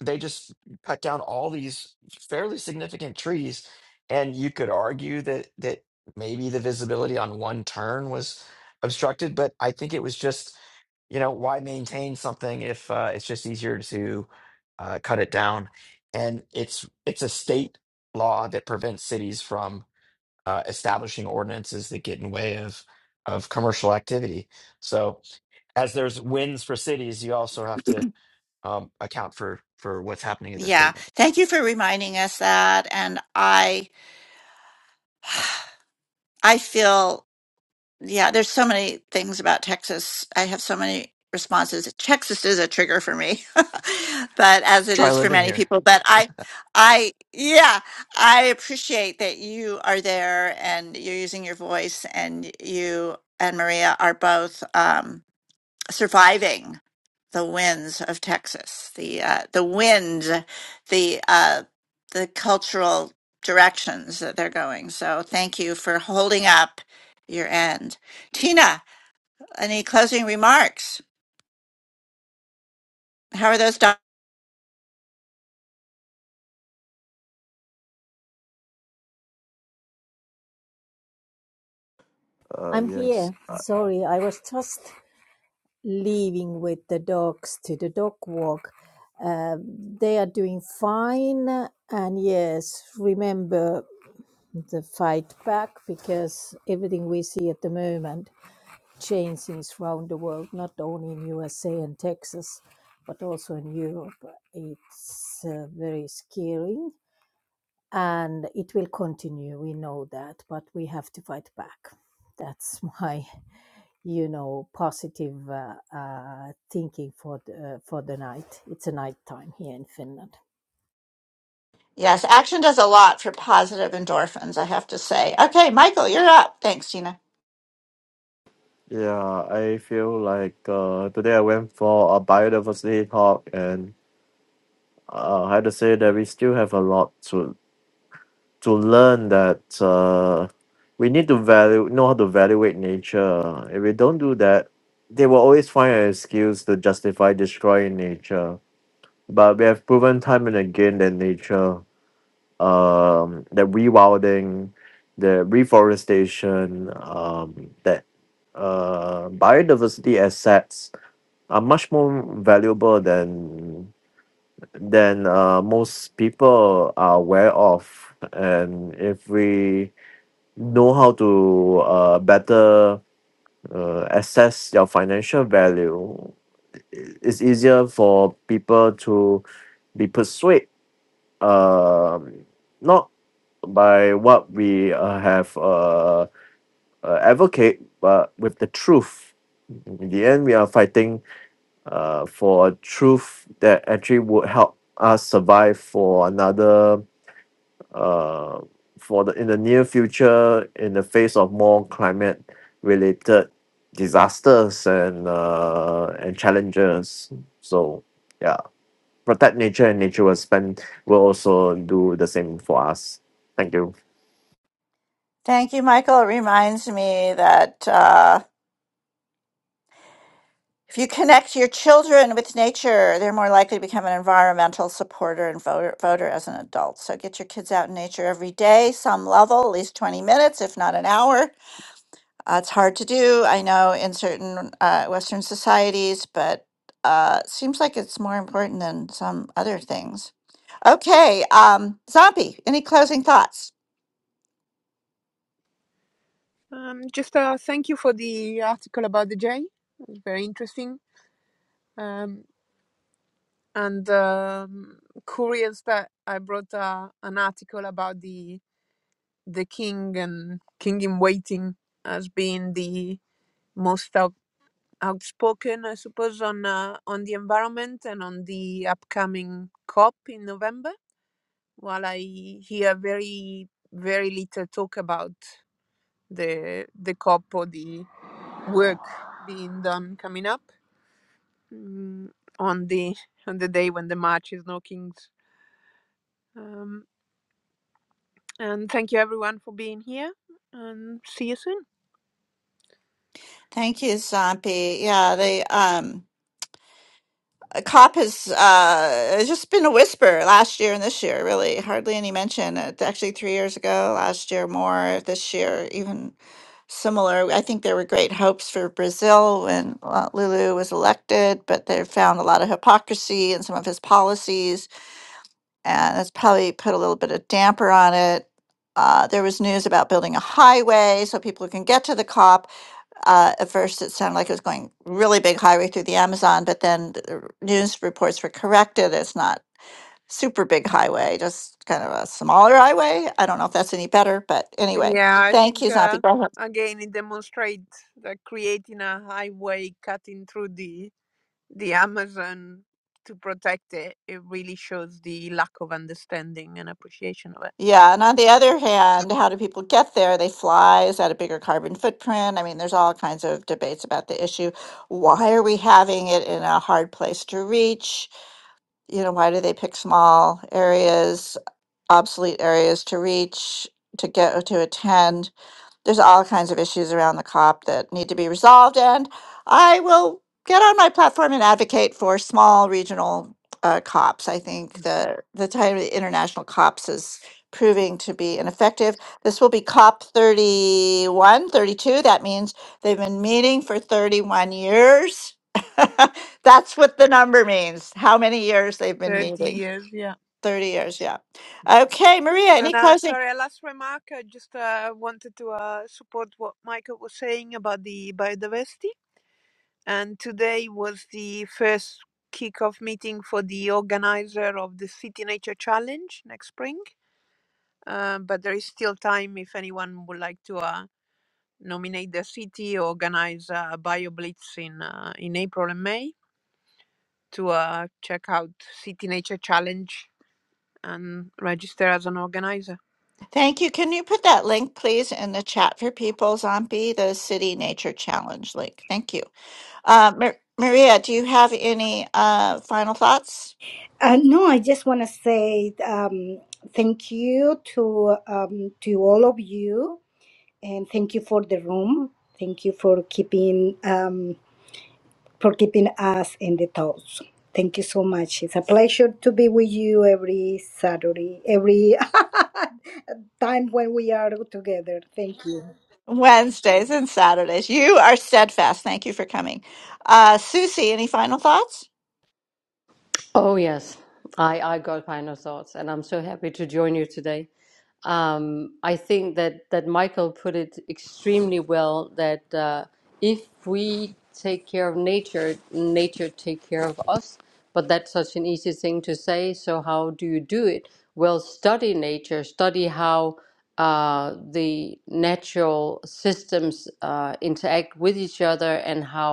S5: they just cut down all these fairly significant trees, and you could argue that that maybe the visibility on one turn was obstructed, but I think it was just you know why maintain something if uh, it's just easier to uh, cut it down, and it's it's a state law that prevents cities from uh, establishing ordinances that get in way of of commercial activity. So as there's wins for cities, you also have to um, account for for what's happening at the
S2: Yeah.
S5: state level.
S2: Thank you for reminding us that. And I I feel Yeah, there's so many things about Texas. I have so many responses. Texas is a trigger for me, but as it
S5: Try
S2: is for
S5: living
S2: many
S5: here.
S2: people. But I, I, yeah, I appreciate that you are there and you're using your voice, and you and Maria are both. Um, surviving the winds of Texas, the uh, the wind, the uh, the cultural directions that they're going. So thank you for holding up your end, Tina. Any closing remarks? How are those done?
S7: Uh,
S4: I'm
S7: yes.
S4: here.
S7: Uh,
S4: Sorry, I was just leaving with the dogs to the dog walk. Uh, they are doing fine. And yes, remember. the fight back because everything we see at the moment changing around the world, not only in USA and Texas, but also in Europe. It's uh, very scary and it will continue. We know that, but we have to fight back. That's my, you know, positive uh, uh, thinking for the, uh, for the night. It's a night time here in Finland.
S2: Yes, action does a lot for positive endorphins, I have to say. Okay, Michael, you're up. Thanks, Tina.
S7: yeah, I feel like uh, today I went for a biodiversity talk, and uh, I had to say that we still have a lot to to learn. That uh, we need to value know how to evaluate nature. If we don't do that, they will always find an excuse to justify destroying nature. But we have proven time and again that nature. um, the rewilding, the reforestation, um, that uh, biodiversity assets are much more valuable than than uh, most people are aware of. And if we know how to uh, better uh, assess your financial value, i- it's easier for people to be persuaded. Um, not by what we uh, have uh, uh, advocate, but with the truth. In the end, we are fighting uh, for a truth that actually would help us survive for another uh, for the in the near future in the face of more climate related disasters and uh, and challenges. So yeah, protect nature and nature will spend will also do the same for us. Thank you.
S2: Thank you, Michael. It reminds me that. Uh, If you connect your children with nature, they're more likely to become an environmental supporter and voter, voter as an adult. So get your kids out in nature every day, some level, at least 20 minutes, if not an hour. Uh, it's hard to do, I know, in certain uh, Western societies, but uh, seems like it's more important than some other things. Okay, um, Zombie, any closing thoughts?
S1: Um, just uh, thank you for the article about the J. It was very interesting. Um, and um, curious that I brought uh, an article about the the king and king in waiting as being the most outspoken, I suppose, on uh, on the environment and on the upcoming COP in November. While I hear very very little talk about the the COP or the work being done coming up mm, on the on the day when the march is no kings. Um, and thank you everyone for being here, and see you soon.
S2: Thank you, Zombie. Yeah, they. Um, COP has uh, it's just been a whisper last year and this year, really. Hardly any mention. It's actually three years ago, last year more, this year even similar. I think there were great hopes for Brazil when uh, Lulu was elected, but they found a lot of hypocrisy in some of his policies, and it's probably put a little bit of damper on it. Uh, there was news about building a highway so people can get to the COP, uh, at first it sounded like it was going really big highway through the Amazon, but then the r- news reports were corrected. It's not super big highway, just kind of a smaller highway. I don't know if that's any better, but anyway,
S1: Yeah, I
S2: thank
S1: think.
S2: you, Zombie.
S1: Uh,
S2: Go ahead.
S1: Again, it demonstrates that creating a highway cutting through the the Amazon to protect it, it really shows the lack of understanding and appreciation of it.
S2: Yeah, and on the other hand, how do people get there? They fly. Is that a bigger carbon footprint? I mean, there's all kinds of debates about the issue. Why are we having it in a hard place to reach? you know, why do they pick small areas, obsolete areas to reach, to get, to attend? there's all kinds of issues around the COP that need to be resolved, and I will get on my platform and advocate for small regional uh, COPs. I think the the time of the international COPs is proving to be ineffective. This will be COP 31, 32. That means they've been meeting for 31 years. That's what the number means, how many years they've been
S1: 30
S2: meeting.
S1: years, yeah.
S2: 30 years, yeah. Okay, Maria,
S1: And
S2: any
S1: uh,
S2: closing
S1: sorry, a last remark. I just uh, wanted to uh, support what Michael was saying about the biodiversity. And today was the first kickoff meeting for the organizer of the City Nature Challenge next spring. Uh, but there is still time if anyone would like to uh, nominate the city, organize uh, a bio blitz in, uh, in April and May to uh, check out City Nature Challenge and register as an organizer.
S2: Thank you. Can you put that link, please, in the chat for people, Zombie, the City Nature Challenge link? Thank you. Uh, Mar- Maria, do you have any uh, final thoughts?
S8: Uh, no, I just want to say um, thank you to um, to all of you, and thank you for the room. Thank you for keeping um, for keeping us in the thoughts. Thank you so much. It's a pleasure to be with you every Saturday, every time when we are together. Thank you.
S2: Wednesdays and Saturdays. You are steadfast. Thank you for coming. Uh, Susie, any final thoughts?
S6: Oh, yes. I, I got final thoughts, and I'm so happy to join you today. Um, I think that, that Michael put it extremely well that uh, if we take care of nature, nature take care of us. But that's such an easy thing to say. So how do you do it? Well, study nature, study how uh, the natural systems uh, interact with each other and how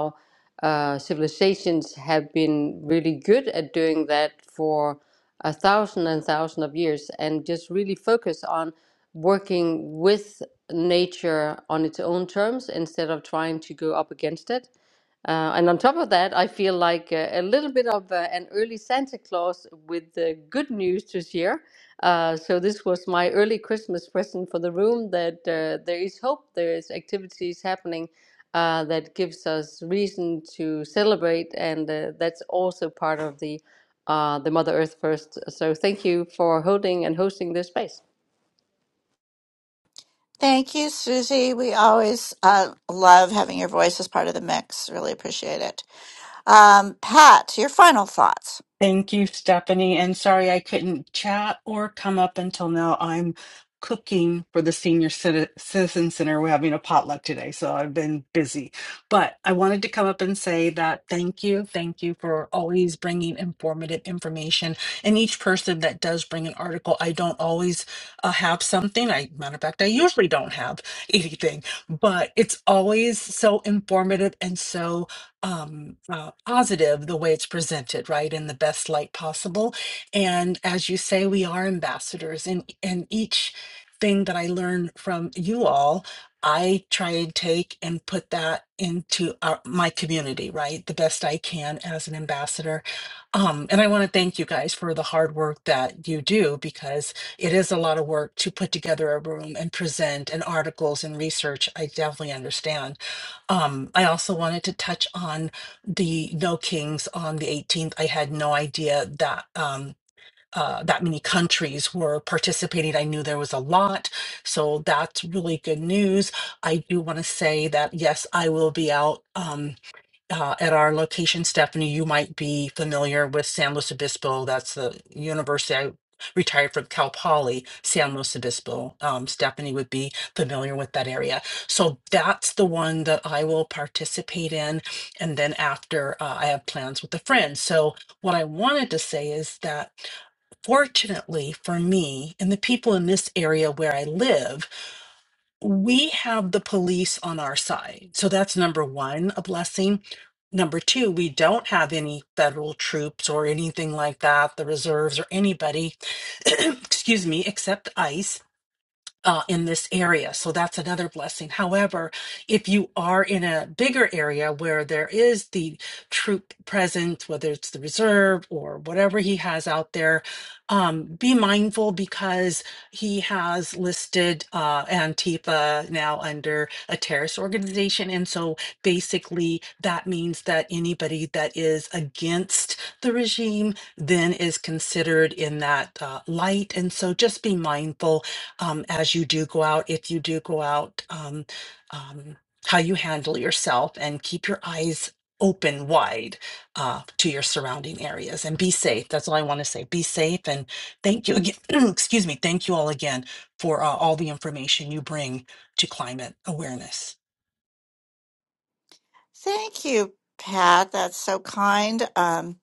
S6: uh, civilizations have been really good at doing that for a thousand and thousand of years and just really focus on working with nature on its own terms instead of trying to go up against it. Uh, and on top of that, I feel like uh, a little bit of uh, an early Santa Claus with the good news to share. Uh, so this was my early Christmas present for the room that uh, there is hope, there is activities happening uh, that gives us reason to celebrate, and uh, that's also part of the uh, the Mother Earth First. So thank you for holding and hosting this space.
S2: Thank you, Susie. We always uh, love having your voice as part of the mix. Really appreciate it. Um, Pat, your final thoughts.
S9: Thank you, Stephanie. And sorry I couldn't chat or come up until now. I'm cooking for the Senior Citi- Citizen Center. We're having a potluck today, so I've been busy. But I wanted to come up and say that thank you. Thank you for always bringing informative information. And each person that does bring an article, I don't always uh, have something. I, matter of fact, I usually don't have anything, but it's always so informative and so um, uh, positive the way it's presented, right, in the best light possible. And as you say, we are ambassadors, and and each thing that I learn from you all, I try and take and put that into our, my community, right, the best I can as an ambassador. Um, and I want to thank you guys for the hard work that you do because it is a lot of work to put together a room and present and articles and research. I definitely understand um, I also wanted to touch on the No Kings on the 18th. I had no idea that um, uh, that many countries were participating. I knew there was a lot, so that's really good news. I do want to say that yes, I will be out. um, uh, at our location, Stephanie, you might be familiar with San Luis Obispo. That's the university I retired from Cal Poly, San Luis Obispo. Um, Stephanie would be familiar with that area. So that's the one that I will participate in. And then after, uh, I have plans with a friend. So what I wanted to say is that fortunately for me and the people in this area where I live, we have the police on our side. So that's number one, a blessing. Number two, we don't have any federal troops or anything like that, the reserves or anybody, excuse me, except ICE uh, in this area. So that's another blessing. However, if you are in a bigger area where there is the troop presence, whether it's the reserve or whatever he has out there, um, be mindful because he has listed uh, Antifa now under a terrorist organization. And so basically, that means that anybody that is against the regime then is considered in that uh, light. And so just be mindful um, as you do go out, if you do go out, um, um, how you handle yourself and keep your eyes open wide uh, to your surrounding areas and be safe. That's all I want to say. Be safe and thank you again. excuse me. Thank you all again for uh, all the information you bring to climate awareness.
S2: Thank you, Pat. That's so kind. Um,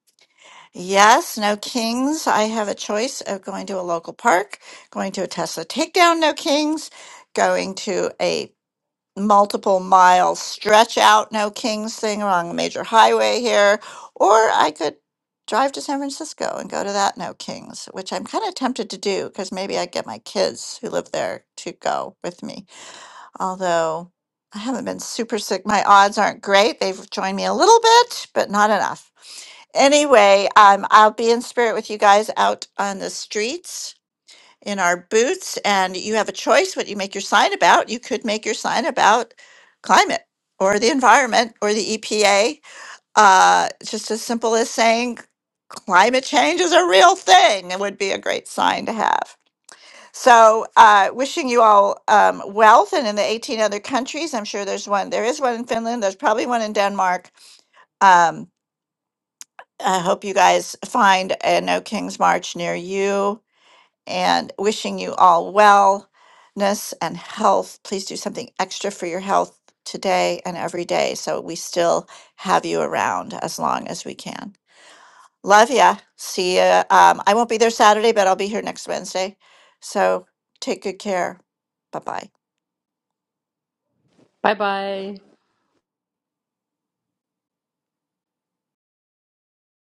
S2: Yes, no kings. I have a choice of going to a local park, going to a Tesla takedown, no kings, going to a multiple mile stretch out, no kings thing along a major highway here, or I could drive to San Francisco and go to that no kings, which I'm kind of tempted to do because maybe I'd get my kids who live there to go with me although I haven't been super sick. My odds aren't great. They've joined me a little bit, but not enough. Anyway, um, I'll be in spirit with you guys out on the streets in our boots, and you have a choice what you make your sign about. You could make your sign about climate or the environment or the EPA. Uh, just as simple as saying climate change is a real thing. It would be a great sign to have. So, uh, wishing you all um, wealth, and in the 18 other countries, I'm sure there's one. There is one in Finland. There's probably one in Denmark. Um, I hope you guys find a No King's March near you, and wishing you all wellness and health. Please do something extra for your health today and every day, so we still have you around as long as we can. Love ya. See ya. Um, I won't be there Saturday, but I'll be here next Wednesday. So take good care. Bye bye.
S6: Bye bye.